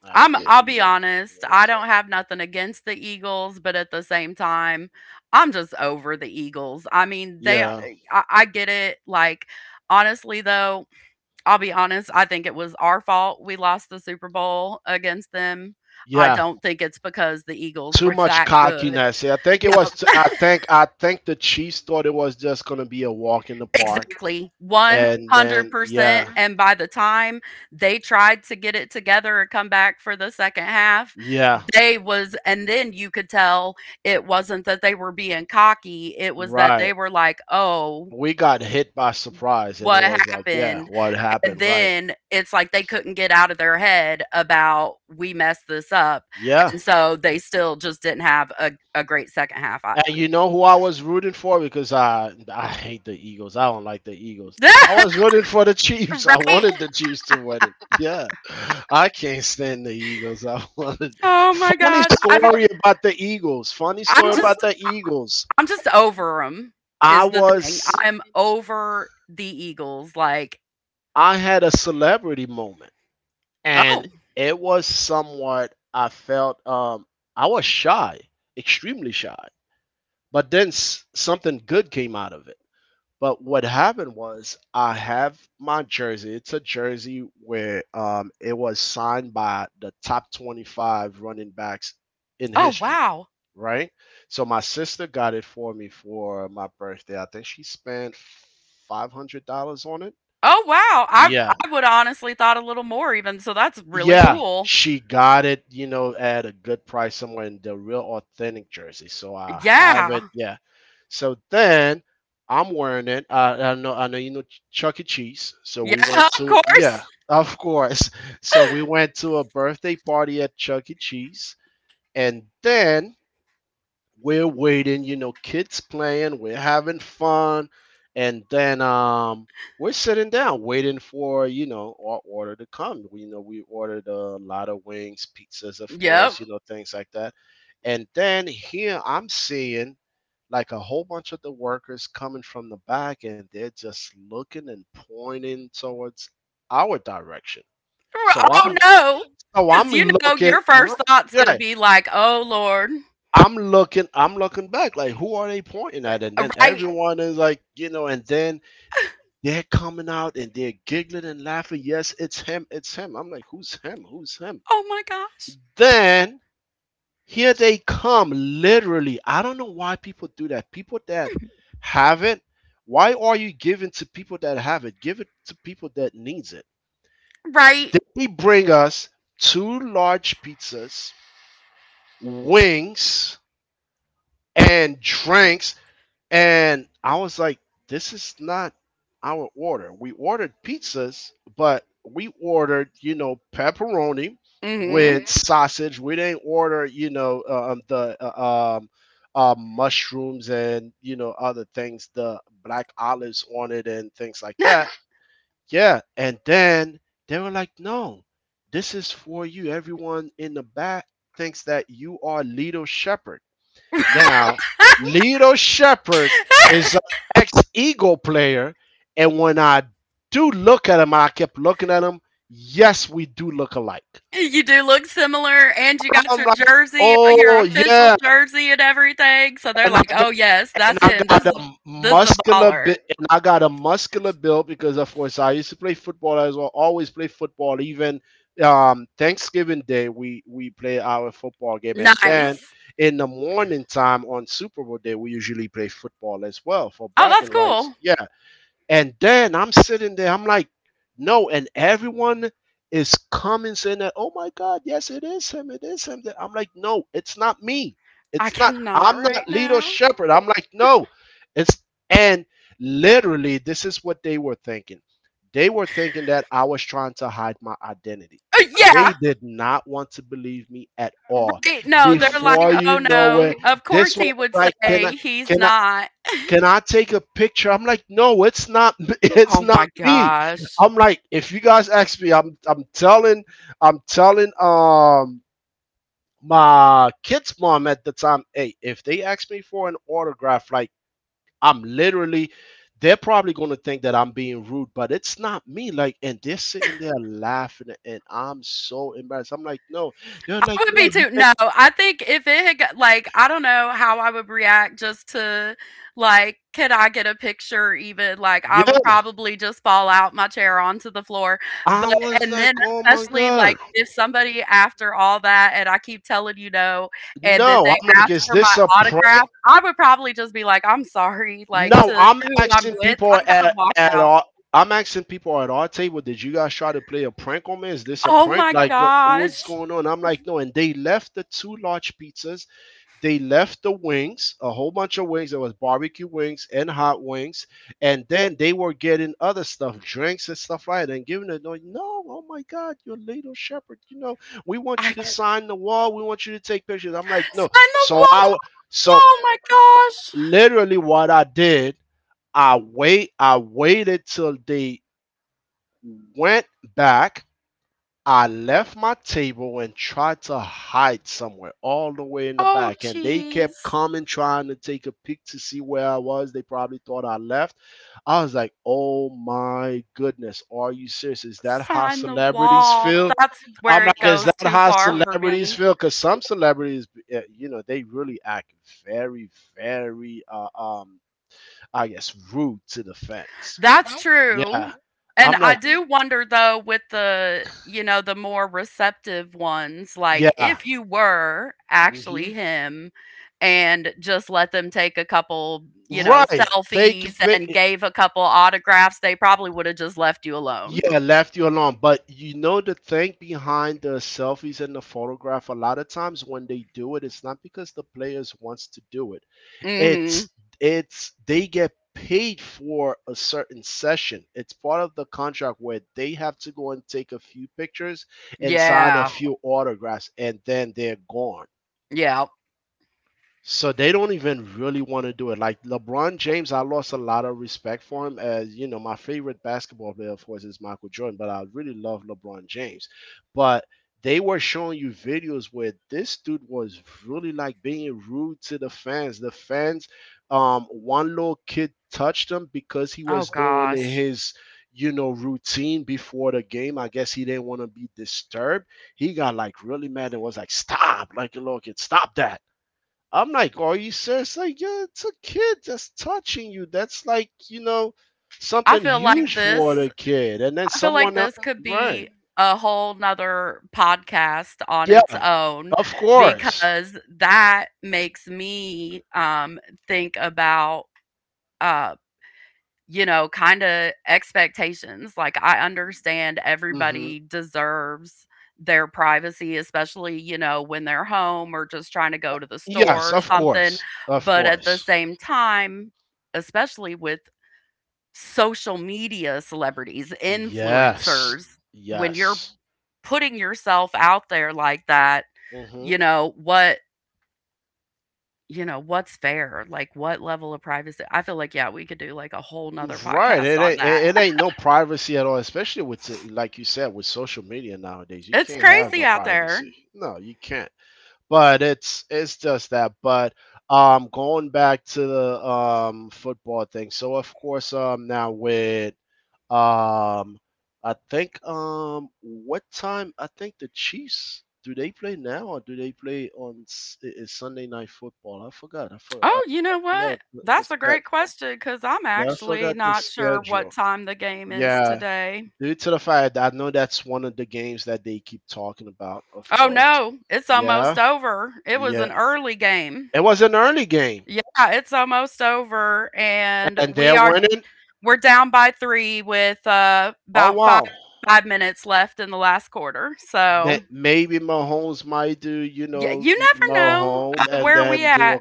S2: last
S1: I'm
S2: year.
S1: I'll
S2: He
S1: be
S2: won. You
S1: honest,
S2: know,
S1: I
S2: so
S1: don't have nothing against the Eagles, but at the same time, I'm just over the Eagles. I mean, they
S2: yeah,
S1: I get it. Like honestly though, I'll be honest, I think it was our fault we lost the Super Bowl against them. I
S2: yeah.
S1: don't think it's because the Eagles
S2: Too
S1: were <laughs>
S2: much
S1: that good.
S2: cockiness. I think it was.
S1: Yep. <laughs>
S2: I think the Chiefs thought it was just gonna be a walk in the park,
S1: Exactly,
S2: and then yeah,
S1: 100%, and by the time they tried to get it together and come back for the second half,
S2: yeah,
S1: they was and then you could tell it wasn't that they were being cocky, it was that
S2: right.
S1: they were like, "Oh,
S2: We got hit by surprise, and it
S1: what
S2: was like, yeah,
S1: happened?"
S2: what
S1: And
S2: happened? Right.
S1: then it's like they couldn't get out of their head about, "We messed this up,"
S2: Yeah.
S1: and so they still just didn't have a great second half either.
S2: And you know who I was rooting for because I hate the Eagles. I don't like the Eagles. I was
S1: <laughs>
S2: rooting for the Chiefs. I
S1: Right?
S2: wanted the Chiefs to win it. Yeah. I can't stand the Eagles. <laughs> I wanted
S1: Oh my
S2: Funny
S1: gosh,
S2: story about the Eagles. Funny
S1: I'm
S2: story about
S1: just
S2: the Eagles.
S1: I'm just over them,
S2: I
S1: is the thing.
S2: was
S1: I'm over the Eagles, like,
S2: I had a celebrity moment, and
S1: "Oh,
S2: it was somewhat I felt I was shy, extremely shy. But then something good came out of it. But what happened was I have my jersey. It's a jersey where it was signed by the top 25 running backs in
S1: oh,
S2: history,
S1: wow.
S2: right? So my sister got it for me for my birthday. I think she spent $500 on it.
S1: Oh, wow.
S2: Yeah.
S1: I would honestly thought a little more even, so that's really
S2: Yeah,
S1: cool."
S2: she got it, you know, at a good price somewhere in the real authentic jersey. So I have it.
S1: Yeah.
S2: Yeah. So then I'm wearing it. I know you know Chuck E. Cheese. So
S1: Yeah,
S2: we
S1: <laughs>
S2: went
S1: of
S2: to
S1: course.
S2: yeah, of course. <laughs> So we went to a birthday party at Chuck E. Cheese. And then we're waiting, you know, kids playing, we're having fun, and then we're sitting down waiting for, you know, our order to come. We you know we ordered a lot of wings, pizzas, of
S1: Yep.
S2: course, you know, things like that. And then here I'm seeing like a whole bunch of the workers coming from the back and they're just looking and pointing towards our direction. So
S1: R
S2: I'm
S1: "Oh,
S2: <laughs> so
S1: because
S2: I'm
S1: you know
S2: looking
S1: your first thought's gonna
S2: yeah.
S1: be like, 'Oh, Lord.'"
S2: I'm looking back, like who are they pointing at? And then
S1: Right.
S2: everyone is like, you know, and then they're coming out and they're giggling and laughing. Yes, it's him, it's him. I'm like, who's him? Who's him?
S1: Oh my gosh.
S2: Then here they come, literally. I don't know why people do that. People that have it, why are you giving to people that have it? Give it to people that needs it.
S1: Right.
S2: They bring us two large pizzas, wings, and drinks. And I was like, this is not our order. We ordered pizzas, but we ordered, you know, pepperoni with
S1: Mhm.
S2: hmm sausage. We didn't order, you know, the mushrooms and, you know, other things, the black olives on it and things like that.
S1: <laughs>
S2: Yeah. And then they were like, no, this is for you. Everyone in the back thinks that you are Lido Shepherd. Now, Lito Shepherd is an ex Eagle player, and when I do look at him, I kept looking at him. Yes, we do look alike.
S1: You do look similar, and you got
S2: I'm
S1: your
S2: like,
S1: jersey, your
S2: oh
S1: official
S2: yeah,
S1: jersey and everything, so they're
S2: and I
S1: like, "Oh, yes,
S2: and
S1: that's
S2: I
S1: him.
S2: got a
S1: This is a
S2: muscular
S1: baller."
S2: bit, and I got a muscular build because, of course, I used to play football as well. Always play football. Even Thanksgiving Day, we play our football game, and then
S1: Nice.
S2: in the morning time on Super Bowl Day, we usually play football as well for
S1: Oh, that's
S2: bragging rights.
S1: cool.
S2: Yeah, and then I'm sitting there, I'm like, no, and everyone is coming saying that, oh my God, yes, it is him, it is him. I'm like, no, it's not me.
S1: I
S2: It's not,
S1: cannot
S2: I'm not
S1: right
S2: Lito
S1: now.
S2: Shepherd. I'm like, no, it's, and literally, this is what they were thinking. They were thinking that I was trying to hide my identity.
S1: Yeah,
S2: They did not want to believe me at all.
S1: right, no, they're like,
S2: Before
S1: "Oh,
S2: you know
S1: no,
S2: it,
S1: of course
S2: this one
S1: he
S2: was
S1: would
S2: like, can I?
S1: say he's
S2: Can I?
S1: not."
S2: Can I take a picture? I'm like, no, it's not, <laughs> it's
S1: Oh
S2: not
S1: my
S2: me.
S1: gosh.
S2: I'm like, if you guys ask me, I'm telling my kid's mom at the time, hey, if they ask me for an autograph, like, I'm literally, they're probably gonna think that I'm being rude, but it's not me. Like, and they're sitting there laughing, and I'm so embarrassed. I'm like, no, they're
S1: I
S2: like,
S1: would
S2: no,
S1: be too. No, I think if it had got, like I don't know how I would react just to like could I get a picture even like
S2: you,
S1: I would
S2: yeah.
S1: probably just fall out my chair onto the floor. But
S2: I was
S1: and
S2: like,
S1: then
S2: oh my
S1: especially like
S2: god,
S1: if somebody after all that and I keep telling you no and then
S2: no.
S1: they
S2: I'm like,
S1: ask
S2: is
S1: for my
S2: this a
S1: autograph,
S2: prank?
S1: I would probably just be like, I'm sorry, like
S2: No,
S1: to
S2: I'm
S1: who I'm
S2: asking
S1: with. I
S2: people
S1: gotta
S2: at
S1: walk
S2: at
S1: out.
S2: our. I'm asking people at our table, did you guys try to play a prank on me? Is this a
S1: Oh
S2: prank?
S1: my
S2: Like, what's
S1: gosh.
S2: going on? I'm like, no. And they left the two large pizzas. They left the wings, a whole bunch of wings. There was barbecue wings and hot wings. And then they were getting other stuff, drinks and stuff like that, and giving it. Like, no, oh my God, you're Little Shepherd. You know, we want
S1: I
S2: you to
S1: sign
S2: sign the wall. We want you to take pictures. I'm like, no.
S1: the
S2: So I,
S1: wall.
S2: so
S1: Oh my gosh.
S2: literally, what I did, I waited till they went back. I left my table and tried to hide somewhere all the way in the
S1: Oh,
S2: back. And they kept
S1: jeez.
S2: coming trying to take a peek to see where I was. They probably thought I left. I was like, oh my goodness, are you serious? Is that how
S1: Sign the
S2: celebrities
S1: wall.
S2: feel?
S1: That's
S2: I'm
S1: where it
S2: like, is that
S1: goes too
S2: how
S1: far for
S2: celebrities
S1: me.
S2: feel? Because some celebrities, you know, they really act very, very, I guess, rude to the fans.
S1: That's
S2: Yeah.
S1: true. And
S2: I'm
S1: I
S2: like,
S1: do wonder though with the, you know, the more receptive ones, like
S2: yeah.
S1: if you were
S2: Hmm.
S1: actually him and just let them take a couple, you know,
S2: Right. Thank you.
S1: selfies and gave a couple autographs, they probably would have just left you alone.
S2: Yeah, left you alone. But you know the thing behind the selfies and the photograph. A lot of times when they do it, it's not because the players wants to do it. It's
S1: Mhm.
S2: it's they get paid for a certain session. It's part of the contract where they have to go and take a few pictures and sign a
S1: Yeah.
S2: few autographs, and then they're gone.
S1: Yeah.
S2: So they don't even really want to do it. Like LeBron James, I lost a lot of respect for him. As you know, my favorite basketball player, of course, is Michael Jordan, but I really love LeBron James. But they were showing you videos where this dude was really like being rude to the fans. The fans, one little kid touched him because he
S1: Oh
S2: was doing
S1: gosh.
S2: his, you know, routine before the game. I guess he didn't want to be disturbed. He got like really mad and was like, "Stop!" Like a little kid, "Stop that!" I'm like, are you serious? Like, yeah, it's a kid that's touching you. That's like, you know,
S1: I
S2: something
S1: feel like
S2: huge for
S1: this
S2: the kid. And then
S1: I feel like
S2: someone else,
S1: this could
S2: right?
S1: be a whole nother podcast on its
S2: Yeah,
S1: own
S2: of course.
S1: because that makes me think about, uh, you know, kind of expectations. Like, I understand
S2: Hmm.
S1: everybody deserves their privacy, especially, you know, when they're home or just trying to go to the store
S2: Yes,
S1: or
S2: of
S1: something.
S2: course, of
S1: But at the
S2: course.
S1: same time, especially with social media celebrities,
S2: Yes,
S1: influencers, when you're
S2: yes.
S1: putting yourself out there like that,
S2: Hmm.
S1: you know, what you know, what's fair? Like what level of privacy? I feel like, yeah, we could do like a whole nother
S2: Right.
S1: podcast
S2: It
S1: on
S2: ain't,
S1: that.
S2: it, it ain't no privacy at all, especially with the- like you said with social media nowadays. You
S1: It's
S2: can't have
S1: crazy
S2: no
S1: out there.
S2: privacy. No, you can't. But it's just that. But going back to the football thing. So of course now with um I think what time I think the Chiefs do they play now or do they play on is Sunday night football? I forgot. I forgot.
S1: Oh, you
S2: I
S1: know what?
S2: forgot the
S1: That's a great
S2: schedule.
S1: question because I'm
S2: Yeah, I
S1: actually
S2: forgot the
S1: not sure what
S2: schedule.
S1: time the game is
S2: Yeah,
S1: today.
S2: due to the fact that I know that's one of the games that they keep talking about, of
S1: Oh
S2: course.
S1: no, it's
S2: Yeah.
S1: almost over. It was an
S2: Yeah.
S1: early game.
S2: It was an early game,
S1: Yeah, it's almost over, and
S2: and they're winning.
S1: we're down by three with
S2: Oh
S1: about five
S2: wow!
S1: five minutes left in the last quarter. So
S2: Maybe Mahomes might do, you
S1: yeah,
S2: know,
S1: you never know
S2: Mahomes, and
S1: where we
S2: then do
S1: at
S2: a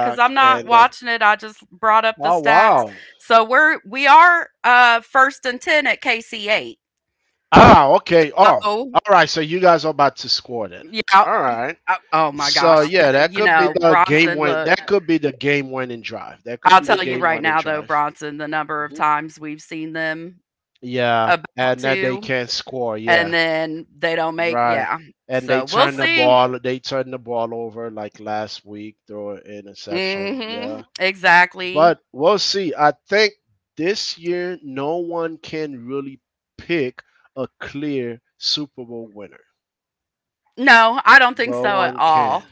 S1: because I'm not
S2: and then
S1: watching it. I just brought up the
S2: oh
S1: stats.
S2: wow!
S1: So we are first and ten at KC eight.
S2: Ah, okay. Oh,
S1: So
S2: all right. So you guys are about to score then.
S1: yeah.
S2: All right.
S1: Oh, oh my
S2: So
S1: gosh,
S2: yeah, that
S1: You
S2: could be
S1: know
S2: the game
S1: Bronson.
S2: win.
S1: Look,
S2: That could be the game winning drive. That could
S1: I'll
S2: be the
S1: tell you
S2: game
S1: right
S2: winning
S1: now though,
S2: drive.
S1: Bronson, the number of
S2: Hmm.
S1: times we've seen them
S2: Yeah,
S1: about
S2: and that they
S1: to,
S2: can't score. Yeah.
S1: and then they don't make.
S2: Right.
S1: Yeah.
S2: And they
S1: So we'll
S2: turned the
S1: see.
S2: ball they turned the ball over like last week throw an interception.
S1: Mhm.
S2: Yeah.
S1: Exactly.
S2: But we'll see. I think this year no one can really pick a clear Super Bowl winner.
S1: No, I don't think
S2: No
S1: so at
S2: one can.
S1: all.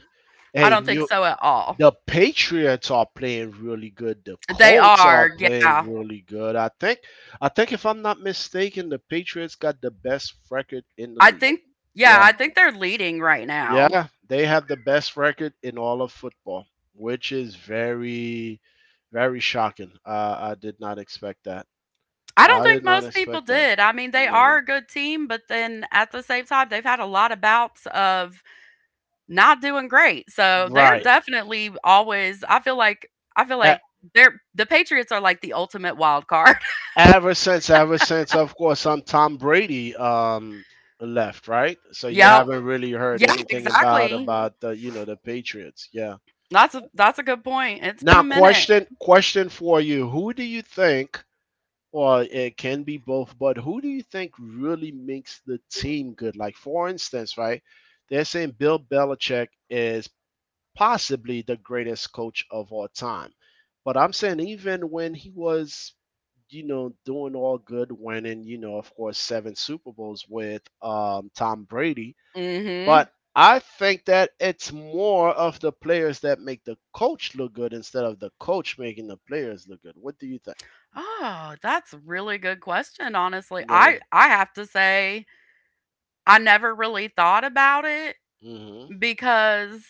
S1: I
S2: Hey,
S1: don't think
S2: New
S1: so at all.
S2: The Patriots are playing really good. The
S1: They
S2: Colts are
S1: are,
S2: playing
S1: yeah.
S2: really good. I think if I'm not mistaken, the Patriots got the best record in the
S1: I
S2: league.
S1: think yeah,
S2: Yeah.
S1: I think they're leading right now.
S2: Yeah, they have the best record in all of football, which is very, very shocking. I did not expect that.
S1: I don't
S2: I did
S1: think
S2: not
S1: most people
S2: expect that.
S1: did. I mean, they
S2: No.
S1: are a good team, but then at the same time, they've had a lot of bouts of not doing great. So they're
S2: Right.
S1: definitely always I feel like I feel
S2: E-
S1: like the Patriots are like the ultimate wild card.
S2: ever since, of course, I Tom Brady left, right? So
S1: <laughs>
S2: you
S1: Yep.
S2: haven't really heard
S1: Yeah,
S2: anything about
S1: exactly.
S2: about the you know the Patriots. Yeah.
S1: That's a good point. It's been a
S2: Now,
S1: minute.
S2: question for you: who do you think, well, it can be both, but who do you think really makes the team good? Like, for instance, right? They're saying Bill Belichick is possibly the greatest coach of all time. But I'm saying even when he was, you know, doing all good, winning, you know, of course, seven Super Bowls with Tom Brady.
S1: Mhm.
S2: But I think that it's more of the players that make the coach look good instead of the coach making the players look good. What do you think?
S1: Oh, that's a really good question, honestly. I
S2: Yeah.
S1: I have to say I never really thought about it
S2: Hmm.
S1: because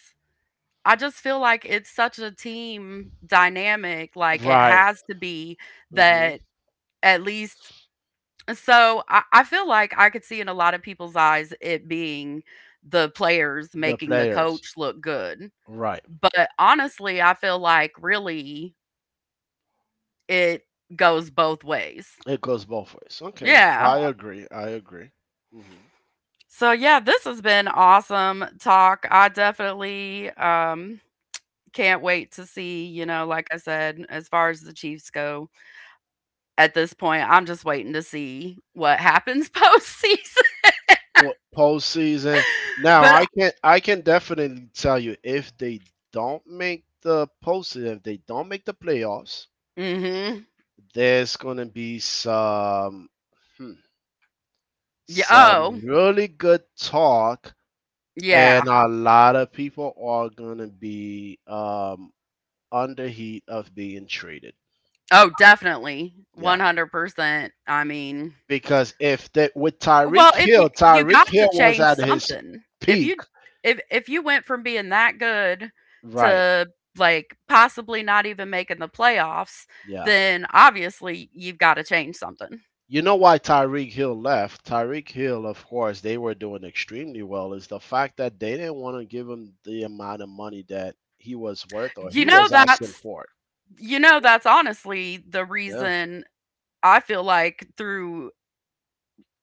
S1: I just feel like it's such a team dynamic, like it
S2: Right.
S1: has to be
S2: Hmm.
S1: that at least so I feel like I could see in a lot of people's eyes it being the players
S2: The
S1: making the
S2: players,
S1: coach look good.
S2: right?
S1: But honestly, I feel like really it goes both ways.
S2: It goes both ways. Okay,
S1: Yeah.
S2: I agree. I agree. Hmm.
S1: So yeah, this has been awesome talk. I definitely can't wait to see, you know, like I said, as far as the Chiefs go, at this point, I'm just waiting to see what happens <laughs> postseason.
S2: Well, postseason. Now,
S1: But
S2: I can definitely tell you if they don't make the postseason, if they don't make the playoffs,
S1: mhm.
S2: there's gonna be some hmm,
S1: Yeah, oh,
S2: some really good talk, and
S1: yeah.
S2: a lot of people are gonna be under heat of being traded.
S1: Oh, definitely.
S2: Yeah.
S1: 100%. I mean,
S2: Because if that with
S1: well,
S2: Tyreek
S1: if you
S2: Hill,
S1: you
S2: Tyreek
S1: got to
S2: Hill was
S1: change
S2: at his
S1: something.
S2: peak,
S1: If you went from being that good
S2: right?
S1: to like possibly not even making the playoffs,
S2: Yeah.
S1: then obviously you've got to change something.
S2: You know why Tyreek Hill left? Tyreek Hill, of course, they were doing extremely well. Is the fact that they didn't want to give him the amount of money that he was worth or
S1: You
S2: he
S1: know
S2: was asking
S1: that's
S2: for.
S1: you know that's honestly the
S2: Yeah.
S1: reason I feel like through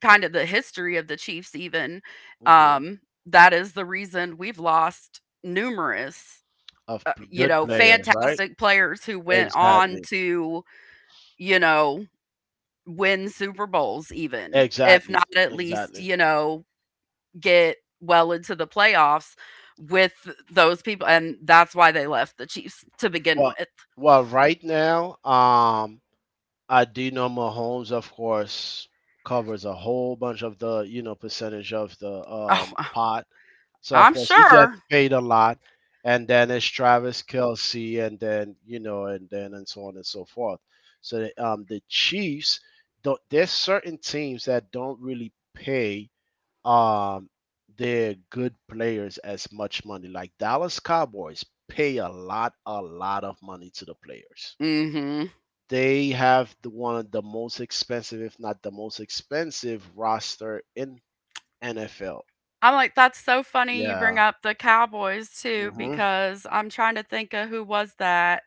S1: kind of the history of the Chiefs even
S2: Hmm.
S1: that is the reason we've lost numerous you
S2: Good
S1: know
S2: players, right?
S1: fantastic players who went on
S2: Exactly.
S1: to you know win Super Bowls, even if
S2: Exactly.
S1: not at least,
S2: Exactly.
S1: you know, get well into the playoffs with those people. And that's why they left the Chiefs to begin
S2: Well,
S1: with.
S2: well, right now, I do know Mahomes, of course, covers a whole bunch of the you know percentage of the
S1: Oh,
S2: pot. So of
S1: I'm
S2: course he gets
S1: sure.
S2: paid a lot, and then it's Travis Kelsey, and then you know, and then and so on and so forth. So the Chiefs, don't, there's certain teams that don't really pay um, their good players as much money. Like Dallas Cowboys pay a lot of money to the players.
S1: Mm-hmm.
S2: They have the one of the most expensive, if not the most expensive, roster in NFL.
S1: I'm like, that's so funny you bring
S2: Yeah.
S1: up the Cowboys too,
S2: Hmm.
S1: because I'm trying to think of who was that.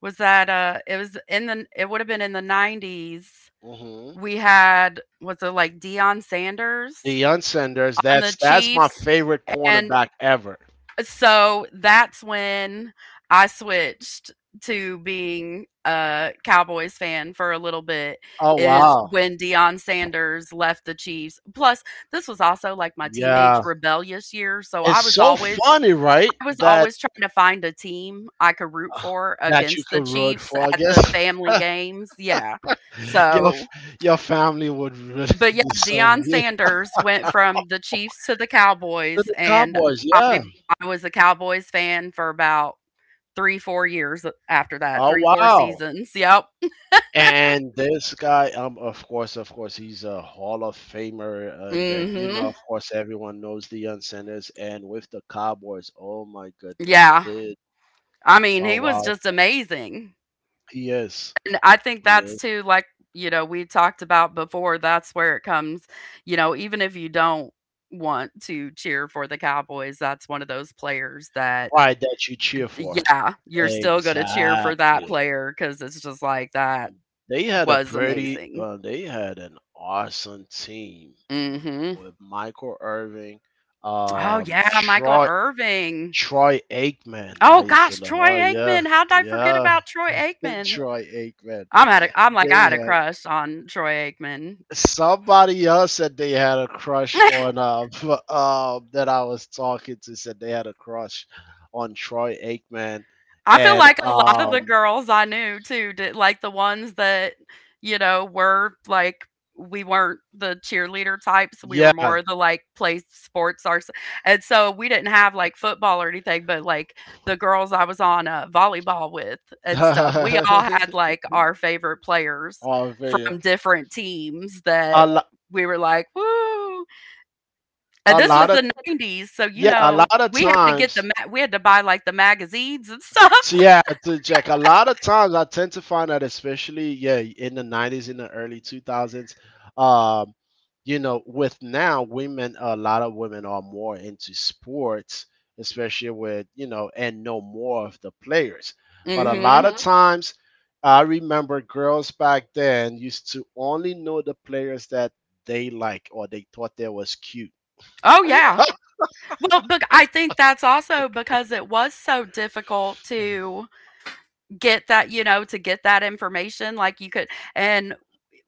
S1: Was that, it would have been in the 90s.
S2: Hmm.
S1: We had was it like Dion Sanders
S2: Deion Sanders,
S1: on the
S2: that's my
S1: Chiefs
S2: favorite
S1: and
S2: cornerback ever.
S1: so that's when I switched to being a Cowboys fan for a little bit
S2: Oh
S1: is
S2: wow.
S1: when Deion Sanders left the Chiefs. Plus, this was also like my
S2: Yeah.
S1: teenage rebellious year, so
S2: It's so funny, right?
S1: I was
S2: That
S1: always trying to find a team I could root
S2: uh,
S1: for
S2: that you
S1: against the
S2: could root
S1: Chiefs
S2: for, I
S1: at the
S2: guess.
S1: family games. Yeah.
S2: <laughs> your
S1: So
S2: your family would really
S1: but
S2: <laughs>
S1: yeah,
S2: disown
S1: Deion
S2: you.
S1: Sanders went from the Chiefs to the
S2: To
S1: Cowboys,
S2: the
S1: and
S2: Cowboys,
S1: I
S2: yeah.
S1: I was a Cowboys fan for about three, 4 years after that,
S2: Oh
S1: three, four
S2: wow.
S1: seasons. Yep.
S2: And this guy, of course, he's a Hall of Famer, and then you know,
S1: Hmm.
S2: of course, everyone knows Deion Sanders, and with the Cowboys, oh my goodness,
S1: Yeah.
S2: did
S1: I mean,
S2: oh
S1: he was
S2: wow,
S1: just amazing.
S2: he is,
S1: And I think
S2: he
S1: that's
S2: is
S1: too, like, you know, we talked about before, that's where it comes, you know, even if you don't want to cheer for the Cowboys, that's one of those players that,
S2: right that you cheer for
S1: yeah, you're still going to cheer for that
S2: exactly.
S1: player because it's just like that
S2: They had a
S1: was
S2: pretty,
S1: amazing.
S2: well, they had an awesome team
S1: Mhm.
S2: with Michael Irving,
S1: Oh,
S2: um,
S1: yeah, Michael
S2: Troy
S1: Irving.
S2: Troy Aikman. I
S1: Oh
S2: used to
S1: gosh,
S2: love,
S1: Troy
S2: oh yeah,
S1: Aikman, how did I forget
S2: yeah.
S1: about Troy Aikman?
S2: Troy Aikman.
S1: I'm like, I
S2: They
S1: had a
S2: had
S1: crush on Troy Aikman.
S2: somebody else said they had a crush
S1: <laughs>
S2: on <laughs> that I was talking to said they had a crush on Troy Aikman
S1: I feel
S2: and
S1: like a lot of the girls I knew too did like the ones that, you know, were like we weren't the cheerleader types, we were
S2: yeah <laughs>
S1: more the like play sports our and so we didn't have like football or anything, but like the girls I was on volleyball with and stuff, we all had like our favorite players
S2: on video
S1: from different teams that
S2: a, lo-
S1: we were like, woo. And
S2: a
S1: this was
S2: lot of
S1: the 90s. So, you
S2: yeah a
S1: know,
S2: lot of
S1: we had to get
S2: times.
S1: we had to buy like the magazines and <laughs>
S2: So
S1: stuff.
S2: yeah, to check. A lot of times I tend to find that especially yeah, in the 90s, in the early 2000s, um, you know, with now women a lot of women are more into sports, especially with, you know, and know more of the players. But a lot
S1: Mhm.
S2: of Mm-hmm. times I remember girls back then used to only know the players that they like or they thought they was cute.
S1: Oh, yeah. Well, but I think that's also because it was so difficult to get that you know, to get that information, like, you could and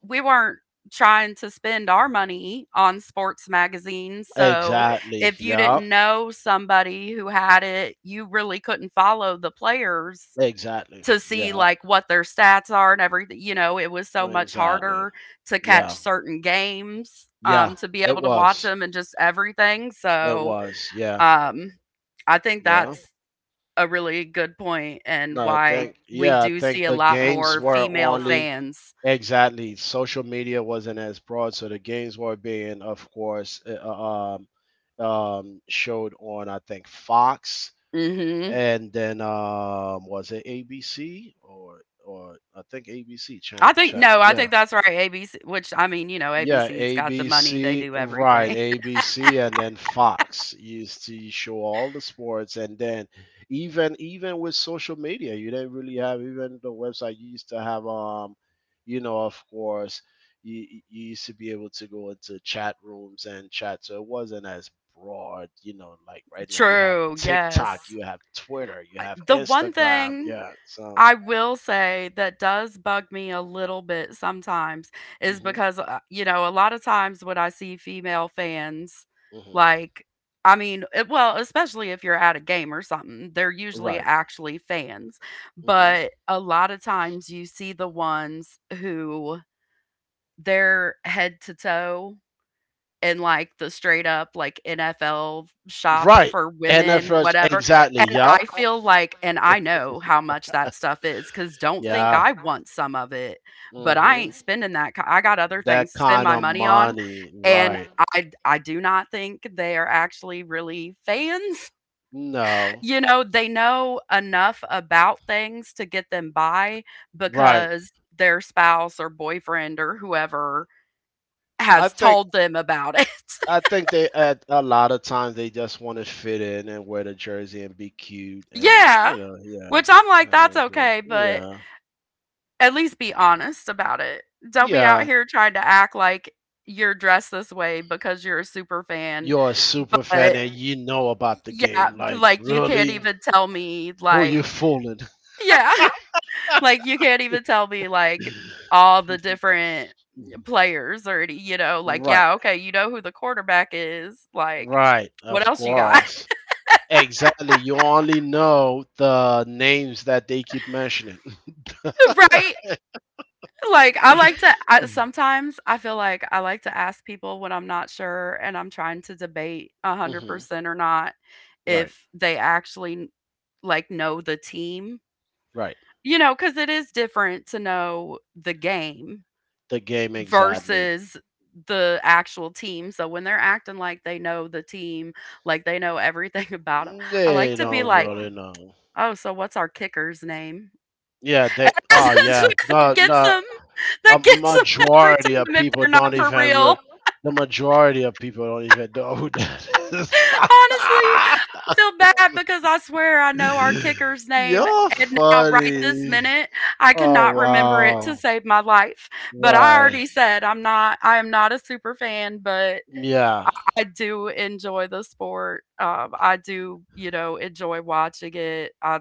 S1: we weren't trying to spend our money on sports magazines,
S2: Right.
S1: so
S2: Exactly.
S1: if you
S2: Yeah.
S1: didn't know somebody who had it, you really couldn't follow the players.
S2: Mm-hmm. Exactly.
S1: To see
S2: Yeah.
S1: like what their stats are and everything. You know, it was so much
S2: Exactly.
S1: harder to catch
S2: Yeah.
S1: certain games
S2: Yeah,
S1: to be
S2: it
S1: able to watch
S2: was.
S1: them and just everything.
S2: It
S1: So,
S2: was. Yeah.
S1: um I think
S2: Yeah.
S1: that's a really good point and
S2: No, I
S1: why
S2: think
S1: we
S2: yeah, I
S1: do see
S2: think
S1: a
S2: the
S1: lot
S2: games
S1: more
S2: were
S1: female
S2: only
S1: fans.
S2: exactly social media wasn't as broad, so the games were being, of course, showed on I think Fox,
S1: Mhm.
S2: and then was it ABC or I think ABC?
S1: I think no, I
S2: Yeah,
S1: think that's right. ABC, which I mean, you know,
S2: yeah,
S1: ABC's got the money. They
S2: ABC,
S1: do
S2: right,
S1: everything.
S2: ABC and then Fox used to show all the sports and then even even with social media, you didn't really have even the website you used to have you know, of course, you used to be able to go into chat rooms and chat, so it wasn't as broad, you know, like
S1: <laughs>
S2: right now you have
S1: True.
S2: TikTok,
S1: Yes.
S2: you have Twitter, you have
S1: The one
S2: Instagram,
S1: thing
S2: yeah. So,
S1: I will say that does bug me a little bit sometimes is
S2: mhm,
S1: because, you know, a lot of times when I see female fans,
S2: mhm.
S1: like, well, especially if you're at a game or something, they're usually
S2: Right.
S1: actually fans.
S2: hmm
S1: But a lot of times you see the ones who they're head to toe in, like, the straight up, like, NFL shop
S2: Right.
S1: for
S2: And at
S1: women,
S2: first,
S1: whatever,
S2: exactly.
S1: and
S2: Yep.
S1: I feel like and I know how much that stuff is, because 'cause don't think
S2: Yeah.
S1: I want some of it, but I
S2: Mm-hmm.
S1: ain't spending that ki I got other things
S2: That
S1: to spend
S2: kind
S1: my
S2: of
S1: money on,
S2: money,
S1: and
S2: right?
S1: I do not think they are actually really fans. <laughs>
S2: No,
S1: You know, they know enough about things to get them by
S2: right.
S1: because their spouse or boyfriend or whoever
S2: I
S1: has
S2: think
S1: told them about it. <laughs>
S2: I think they at a lot of times they just want to fit in and wear the jersey and be cute and
S1: Yeah.
S2: you know yeah
S1: Which I'm like, that's okay, but
S2: Yeah,
S1: at least be honest about it. Don't be out
S2: yeah.
S1: here trying to act like you're dressed this way because you're a super fan.
S2: You're a super fan
S1: But
S2: and you know about the
S1: yeah,
S2: game.
S1: but,
S2: Like
S1: like you can't
S2: really,
S1: even tell me,
S2: who you
S1: like,
S2: fooling?
S1: yeah, <laughs> like you can't even tell me, like, all the
S2: <laughs>
S1: different players or any, you know, like
S2: Right,
S1: yeah, okay, you know who the quarterback is, like
S2: right.
S1: what
S2: Of
S1: else you got,
S2: course. Exactly. You only know the names that they keep mentioning. <laughs>
S1: <laughs> right? Like I like to I, sometimes I feel like I like to ask people when I'm not sure and I'm trying to debate
S2: hmm
S1: 100% or not
S2: Right,
S1: if they actually, like, know the team.
S2: right.
S1: You know, cuz it is different to know the game
S2: The game exactly.
S1: versus the actual team. So when they're acting like they know the team, like they know everything <laughs> about them, I like
S2: They
S1: to be
S2: don't
S1: like,
S2: really know.
S1: "Oh, so what's our kicker's name?"
S2: Yeah,
S1: <laughs>
S2: they.
S1: And
S2: Oh,
S1: that's
S2: yeah.
S1: what
S2: No,
S1: gets
S2: no.
S1: 'em. <laughs>
S2: A
S1: That gets them every
S2: majority of
S1: time if
S2: people
S1: they're not
S2: don't
S1: for
S2: even.
S1: real.
S2: The majority of people don't even know who that is.
S1: Honestly, I feel bad because I swear I know our kicker's
S2: <laughs>
S1: name,
S2: You're
S1: and now right this
S2: funny.
S1: minute, I
S2: Oh
S1: cannot remember it to
S2: wow.
S1: save my life. But I
S2: Right.
S1: already said I'm not. I am not a super fan, but
S2: Yeah.
S1: I, I do enjoy the sport. I do, enjoy watching it. I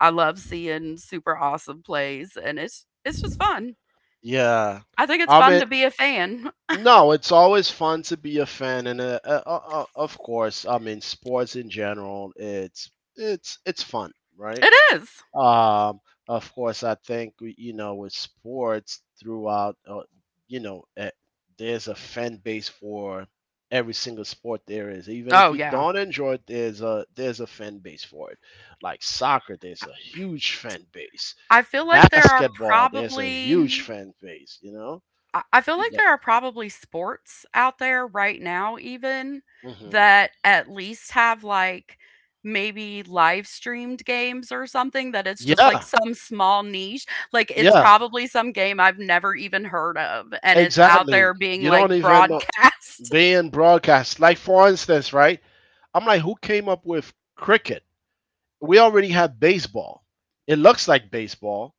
S1: I love seeing super awesome plays, and it's just fun.
S2: Yeah.
S1: I think it's
S2: I
S1: fun
S2: mean
S1: to be a fan.
S2: No, it's always fun to be a fan, and of course, I mean, sports in general, it's fun, right?
S1: It is.
S2: Um, of course, I think you know, with sports throughout, you know, there's a fan base for every single sport there is. Even if
S1: Oh
S2: you
S1: yeah.
S2: don't enjoy it, there's a fan base for it. Like soccer, there's a huge fan base.
S1: I feel like there are
S2: Basketball, there's a
S1: probably
S2: huge, mhm, fan base. You know,
S1: I feel
S2: mhm.
S1: like there are probably sports out there right now even
S2: Mhm.
S1: that at least have, like, maybe live streamed games or something that it's just, like,
S2: Yeah,
S1: some small niche. Like, it's
S2: yeah,
S1: probably some game I've never even heard of, and it's out
S2: exactly.
S1: there being,
S2: You don't
S1: like,
S2: even know
S1: broadcast. <laughs>
S2: being broadcast. Like for instance, right? I'm like, who came up with cricket? We already have baseball. It looks like baseball,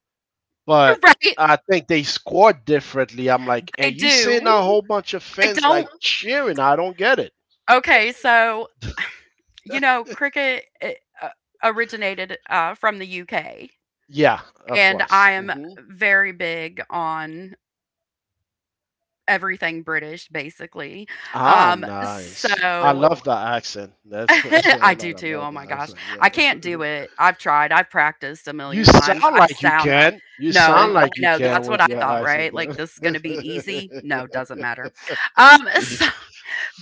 S2: but
S1: Right?
S2: I think they score differently. I'm like,
S1: They
S2: and you seeing
S1: do.
S2: a whole bunch of
S1: I
S2: fans like
S1: don't
S2: cheering. I don't get it.
S1: Okay, so, <sighs> you know, cricket, it originated, from the UK.
S2: Yeah, of
S1: And
S2: course.
S1: I am very big on everything British, basically.
S2: Ah,
S1: Um,
S2: nice. I
S1: so
S2: love the accent.
S1: <laughs>
S2: That's what I
S1: I
S2: love.
S1: do
S2: I
S1: too.
S2: love
S1: Oh my
S2: the
S1: gosh,
S2: accent. Yeah.
S1: I can't
S2: <laughs>
S1: do it. I've tried. I've practiced a
S2: You
S1: million times.
S2: sound
S1: I
S2: like you
S1: sound—
S2: can. You sound
S1: no, I
S2: like you
S1: know
S2: can
S1: that's
S2: with
S1: what I
S2: your
S1: thought.
S2: accent,
S1: Right? Like this is
S2: though.
S1: gonna be easy. No, doesn't matter. <laughs> So,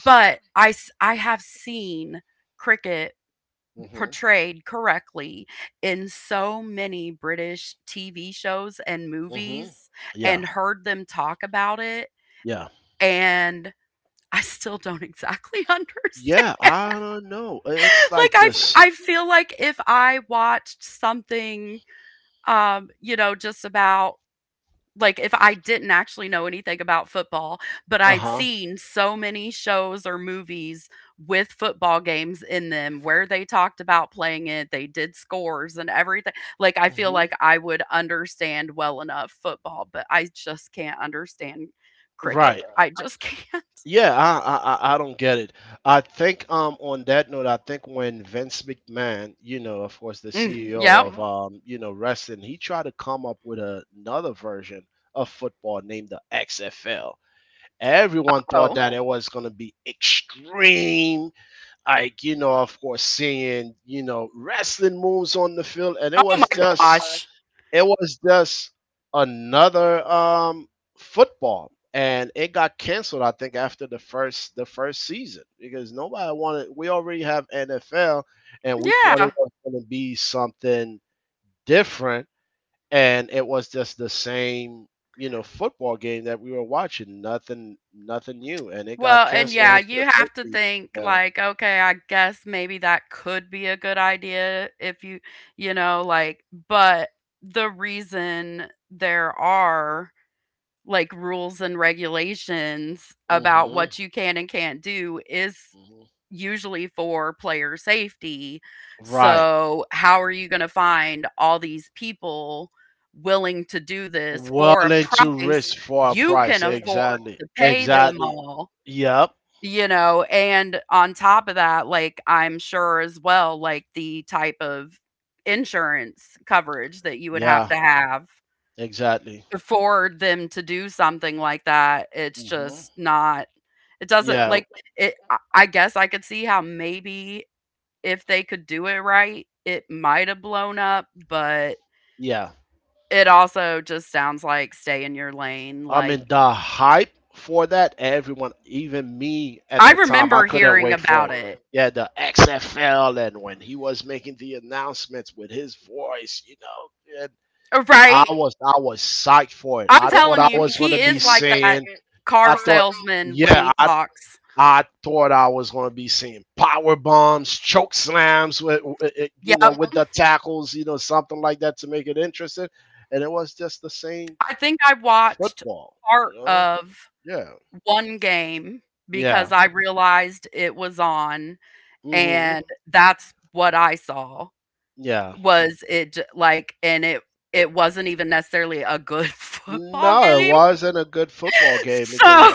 S1: but I have seen cricket
S2: <laughs> Mhm.
S1: portrayed correctly in so many British TV shows and
S2: Mhm.
S1: movies
S2: Yeah.
S1: and heard them talk about it,
S2: Yeah.
S1: and I still don't exactly <laughs>
S2: Yeah.
S1: understand.
S2: I don't know. It's
S1: Like
S2: like this.
S1: I feel like if I watched something, you know, just about, like, if I didn't actually know anything about football, but
S2: Uh
S1: I'd
S2: huh.
S1: seen so many shows or movies with football games in them where they talked about playing it, they did scores and everything. Like I feel
S2: Mhm.
S1: like I would understand well enough football, but I just can't understand cricket.
S2: Right.
S1: I just can't. <laughs>
S2: Yeah. I don't get it. I think. On that note, I think when Vince McMahon, you know, of course, the
S1: Mm,
S2: CEO
S1: yep.
S2: of you know, wrestling, he tried to come up with another version of football named the XFL. Everyone thought
S1: Oh.
S2: that it was going to be extreme, like, you know, of course, seeing, you know, wrestling moves on the field. And
S1: Oh my gosh.
S2: it was just another football, and it got canceled, I think, after the first season, because nobody wanted. We already have NFL, and we thought it
S1: Yeah.
S2: was going to be something different, and it was just the same, you know, football game that we were watching. Nothing new, and it got
S1: Well, and
S2: canceled
S1: yeah,
S2: on for the
S1: you have
S2: first
S1: to
S2: season.
S1: think
S2: Yeah.
S1: like, okay, I guess maybe that could be a good idea if you, you know, like, but the reason there are like rules and regulations about
S2: Mm-hmm,
S1: what you can and can't do is
S2: mm-hmm.
S1: usually for player safety.
S2: Right,
S1: So, how are you going to find all these people willing to do this for a
S2: willing to
S1: price
S2: risk for a
S1: you can
S2: price,
S1: afford
S2: exactly,
S1: to pay them
S2: exactly.
S1: all?
S2: Yep.
S1: You know, and on top of that, like, I'm sure as well, like, the type of insurance coverage that you would have
S2: Yeah,
S1: to have
S2: exactly.
S1: for them to do something like that, it's
S2: hmm
S1: just not— it doesn't,
S2: yeah,
S1: like— it I guess I could see how maybe if they could do it right it might have blown up, but
S2: yeah,
S1: it also just sounds like stay in your lane.
S2: I
S1: Like,
S2: mean, the hype for that, everyone, even me at
S1: I
S2: the time, I
S1: remember
S2: couldn't
S1: hearing
S2: wait for it.
S1: about it,
S2: Yeah, the XFL, and when he was making the announcements with his voice, you know, and I
S1: right?
S2: was I was psyched for it.
S1: I'm
S2: I thought
S1: telling
S2: I
S1: you,
S2: was gonna
S1: he
S2: be
S1: is like that
S2: seeing, I
S1: car
S2: thought,
S1: salesman when
S2: yeah,
S1: he
S2: I
S1: talks.
S2: I thought I was gonna be seeing power bombs, choke slams with, you know,
S1: Yep.
S2: with the tackles, you know, something like that to make it interesting, and it was just the same
S1: I think I watched
S2: football, you
S1: part
S2: know,
S1: of
S2: yeah.
S1: one game
S2: Yeah.
S1: because I realized it was on,
S2: hmm
S1: and that's what I saw.
S2: Yeah.
S1: Was it j- like and It wasn't even necessarily a good <laughs> football
S2: No, it
S1: game.
S2: wasn't a good football game because
S1: So,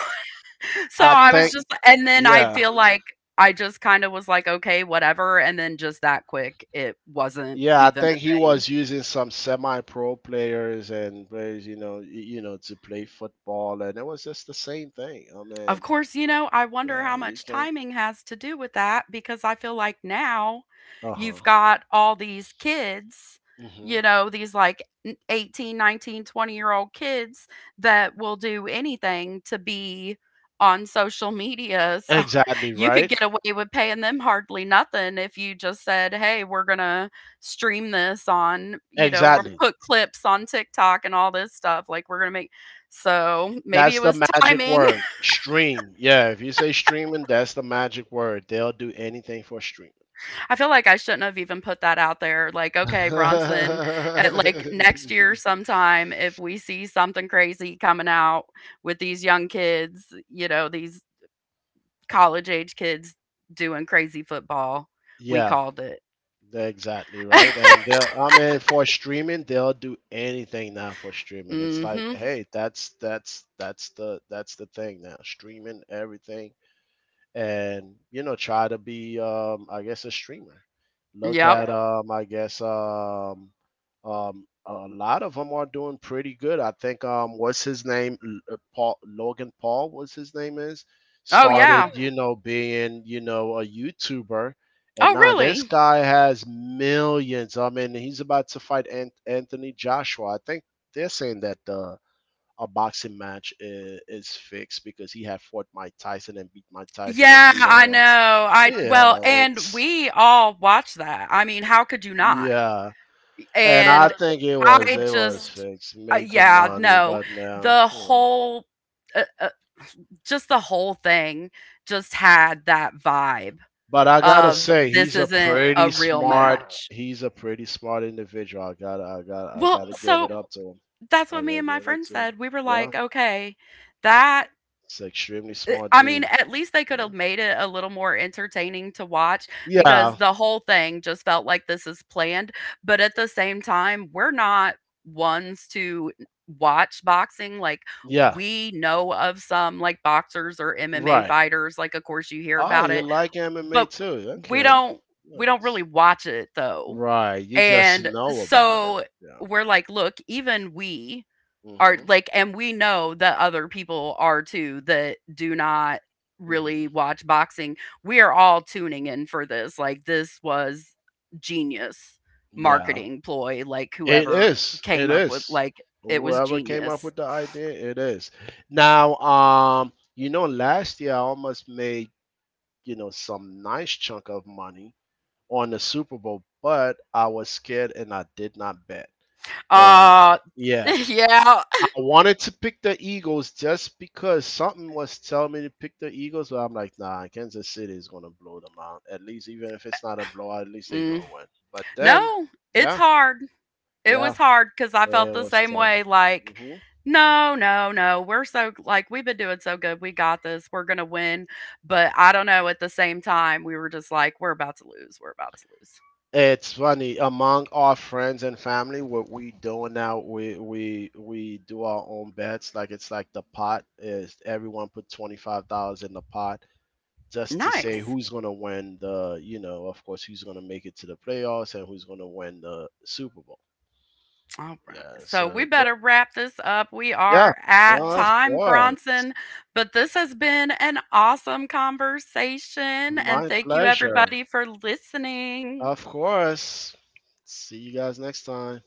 S1: so
S2: I
S1: I was
S2: think,
S1: just— and then I
S2: yeah,
S1: feel like I just kind of was like okay, whatever, and then just that quick it wasn't
S2: yeah, I
S1: even a
S2: think he
S1: thing.
S2: was using some semi-pro players and players, you know, you know, to play football, and it was just the same thing. I
S1: Of
S2: mean,
S1: course, you know, I wonder
S2: yeah,
S1: how
S2: you
S1: much
S2: can,
S1: timing has to do with that, because I feel like now
S2: uh huh,
S1: you've got all these kids, you
S2: hmm,
S1: know, these like 18, 19, 20 year old kids that will do anything to be on social media. So <laughs>
S2: exactly,
S1: you could
S2: right,
S1: get away with paying them hardly nothing if you just said, "Hey, we're going to stream this on, you know, we'll
S2: exactly.
S1: put clips on TikTok and all this stuff. Like we're going to make." So, maybe it
S2: That's
S1: was
S2: the magic
S1: timing.
S2: word, stream. Yeah, if you say streaming, that's the magic word. They'll do anything for streaming.
S1: I feel like I shouldn't have even put that out there. Like, okay, Bronson, at like next year
S2: <laughs>
S1: sometime, if we see something crazy coming out with these young kids, you know, these college age kids doing crazy football, we
S2: Yeah,
S1: called it.
S2: they're exactly right.
S1: <laughs>
S2: And they'll, I mean, for streaming, they'll do anything now for streaming. It's like,
S1: Hmm.
S2: hey, that's the thing now. Streaming everything, and you know, try to be, I guess, a streamer. Look
S1: Yep.
S2: at, yeah, I guess, a lot of them are doing pretty good, I think. What's his name? Paul, what's his name? Is, oh yeah,
S1: Oh
S2: started,
S1: yeah.
S2: yeah, you know, being, you know, a YouTuber, and
S1: Oh
S2: now, uh-huh, this
S1: really?
S2: guy has millions. I mean, he's about to fight Anthony Joshua, I think. They're saying that the a boxing match is fixed because he had fought Mike Tyson and beat Mike Tyson and
S1: Yeah,
S2: beat
S1: I know.
S2: a,
S1: I—
S2: yeah,
S1: well, and
S2: it's,
S1: we all watched that. I mean, how could you not?
S2: yeah, and I
S1: And
S2: think it was,
S1: I
S2: it was
S1: just—
S2: fixed, made the
S1: yeah,
S2: money,
S1: no.
S2: but now,
S1: The
S2: you know.
S1: whole— uh, uh, just the whole thing just had that vibe
S2: But I gotta
S1: of
S2: say,
S1: this
S2: he's a
S1: isn't
S2: pretty
S1: a real
S2: smart,
S1: match.
S2: he's a pretty smart individual. I gotta I gotta I
S1: Well,
S2: gotta give it
S1: so
S2: up to him.
S1: that's
S2: I
S1: what me
S2: gotta
S1: and
S2: give
S1: my
S2: it up
S1: friend
S2: to him.
S1: said. We were
S2: Yeah,
S1: like, "Okay, that—
S2: it's an extremely smart
S1: I mean,
S2: dude.
S1: at least they could
S2: Yeah,
S1: have made it a little more entertaining to watch," because
S2: yeah,
S1: the whole thing just felt like this is planned, but at the same time, we're not ones to watch boxing. Like,
S2: yeah,
S1: we know of some, like, boxers or MMA
S2: right.
S1: fighters, like, of course, you hear
S2: Oh,
S1: about
S2: you
S1: it,
S2: like MMA
S1: but
S2: too?
S1: we
S2: Okay,
S1: don't we don't really
S2: nice.
S1: watch it, though,
S2: Right, you just
S1: and
S2: know about it.
S1: so
S2: Yeah.
S1: we're like, "Look, even we are
S2: Mhm.
S1: like— and we know that other people are too that do not really
S2: Mhm.
S1: watch boxing. We are all tuning in for this. Like this was genius
S2: Yeah.
S1: marketing ploy, like
S2: It
S1: whoever
S2: is.
S1: came
S2: It
S1: up with,
S2: is.
S1: like, it was
S2: Whoever came up
S1: genius."
S2: with the idea, it is. Now, you know, last year I almost made, you know, some nice chunk of money on the Super Bowl, but I was scared and I did not bet. And
S1: Uh,
S2: yeah,
S1: <laughs> yeah.
S2: I wanted to pick the Eagles just because something was telling me to pick the Eagles, but I'm like, nah, Kansas City is gonna blow them out. At least, even if it's not a blowout, at least they're
S1: Mm.
S2: gonna win. But then,
S1: No, it's
S2: yeah,
S1: hard. It
S2: yeah,
S1: was hard because I felt
S2: it
S1: the
S2: was
S1: same way.
S2: tough.
S1: Like,
S2: hmm
S1: no, no, no. We're so— like we've been doing so good. We got this. We're gonna win. But I don't know. At the same time, we were just like, we're about to lose. We're about to lose.
S2: It's funny among our friends and family. What we doing now? We do our own bets. Like, it's like the pot is everyone put $25 in the pot, just to say
S1: Nice.
S2: who's going to win the, you know, of course, who's going to make it to the playoffs and who's going to win the Super Bowl.
S1: All right.
S2: Yeah.
S1: So we
S2: So,
S1: better wrap this up. We
S2: yeah,
S1: are at
S2: of
S1: time,
S2: course.
S1: Bronson. But this has been an awesome conversation. And
S2: My
S1: thank you,
S2: pleasure.
S1: everybody, for listening.
S2: Of course. See you guys next time.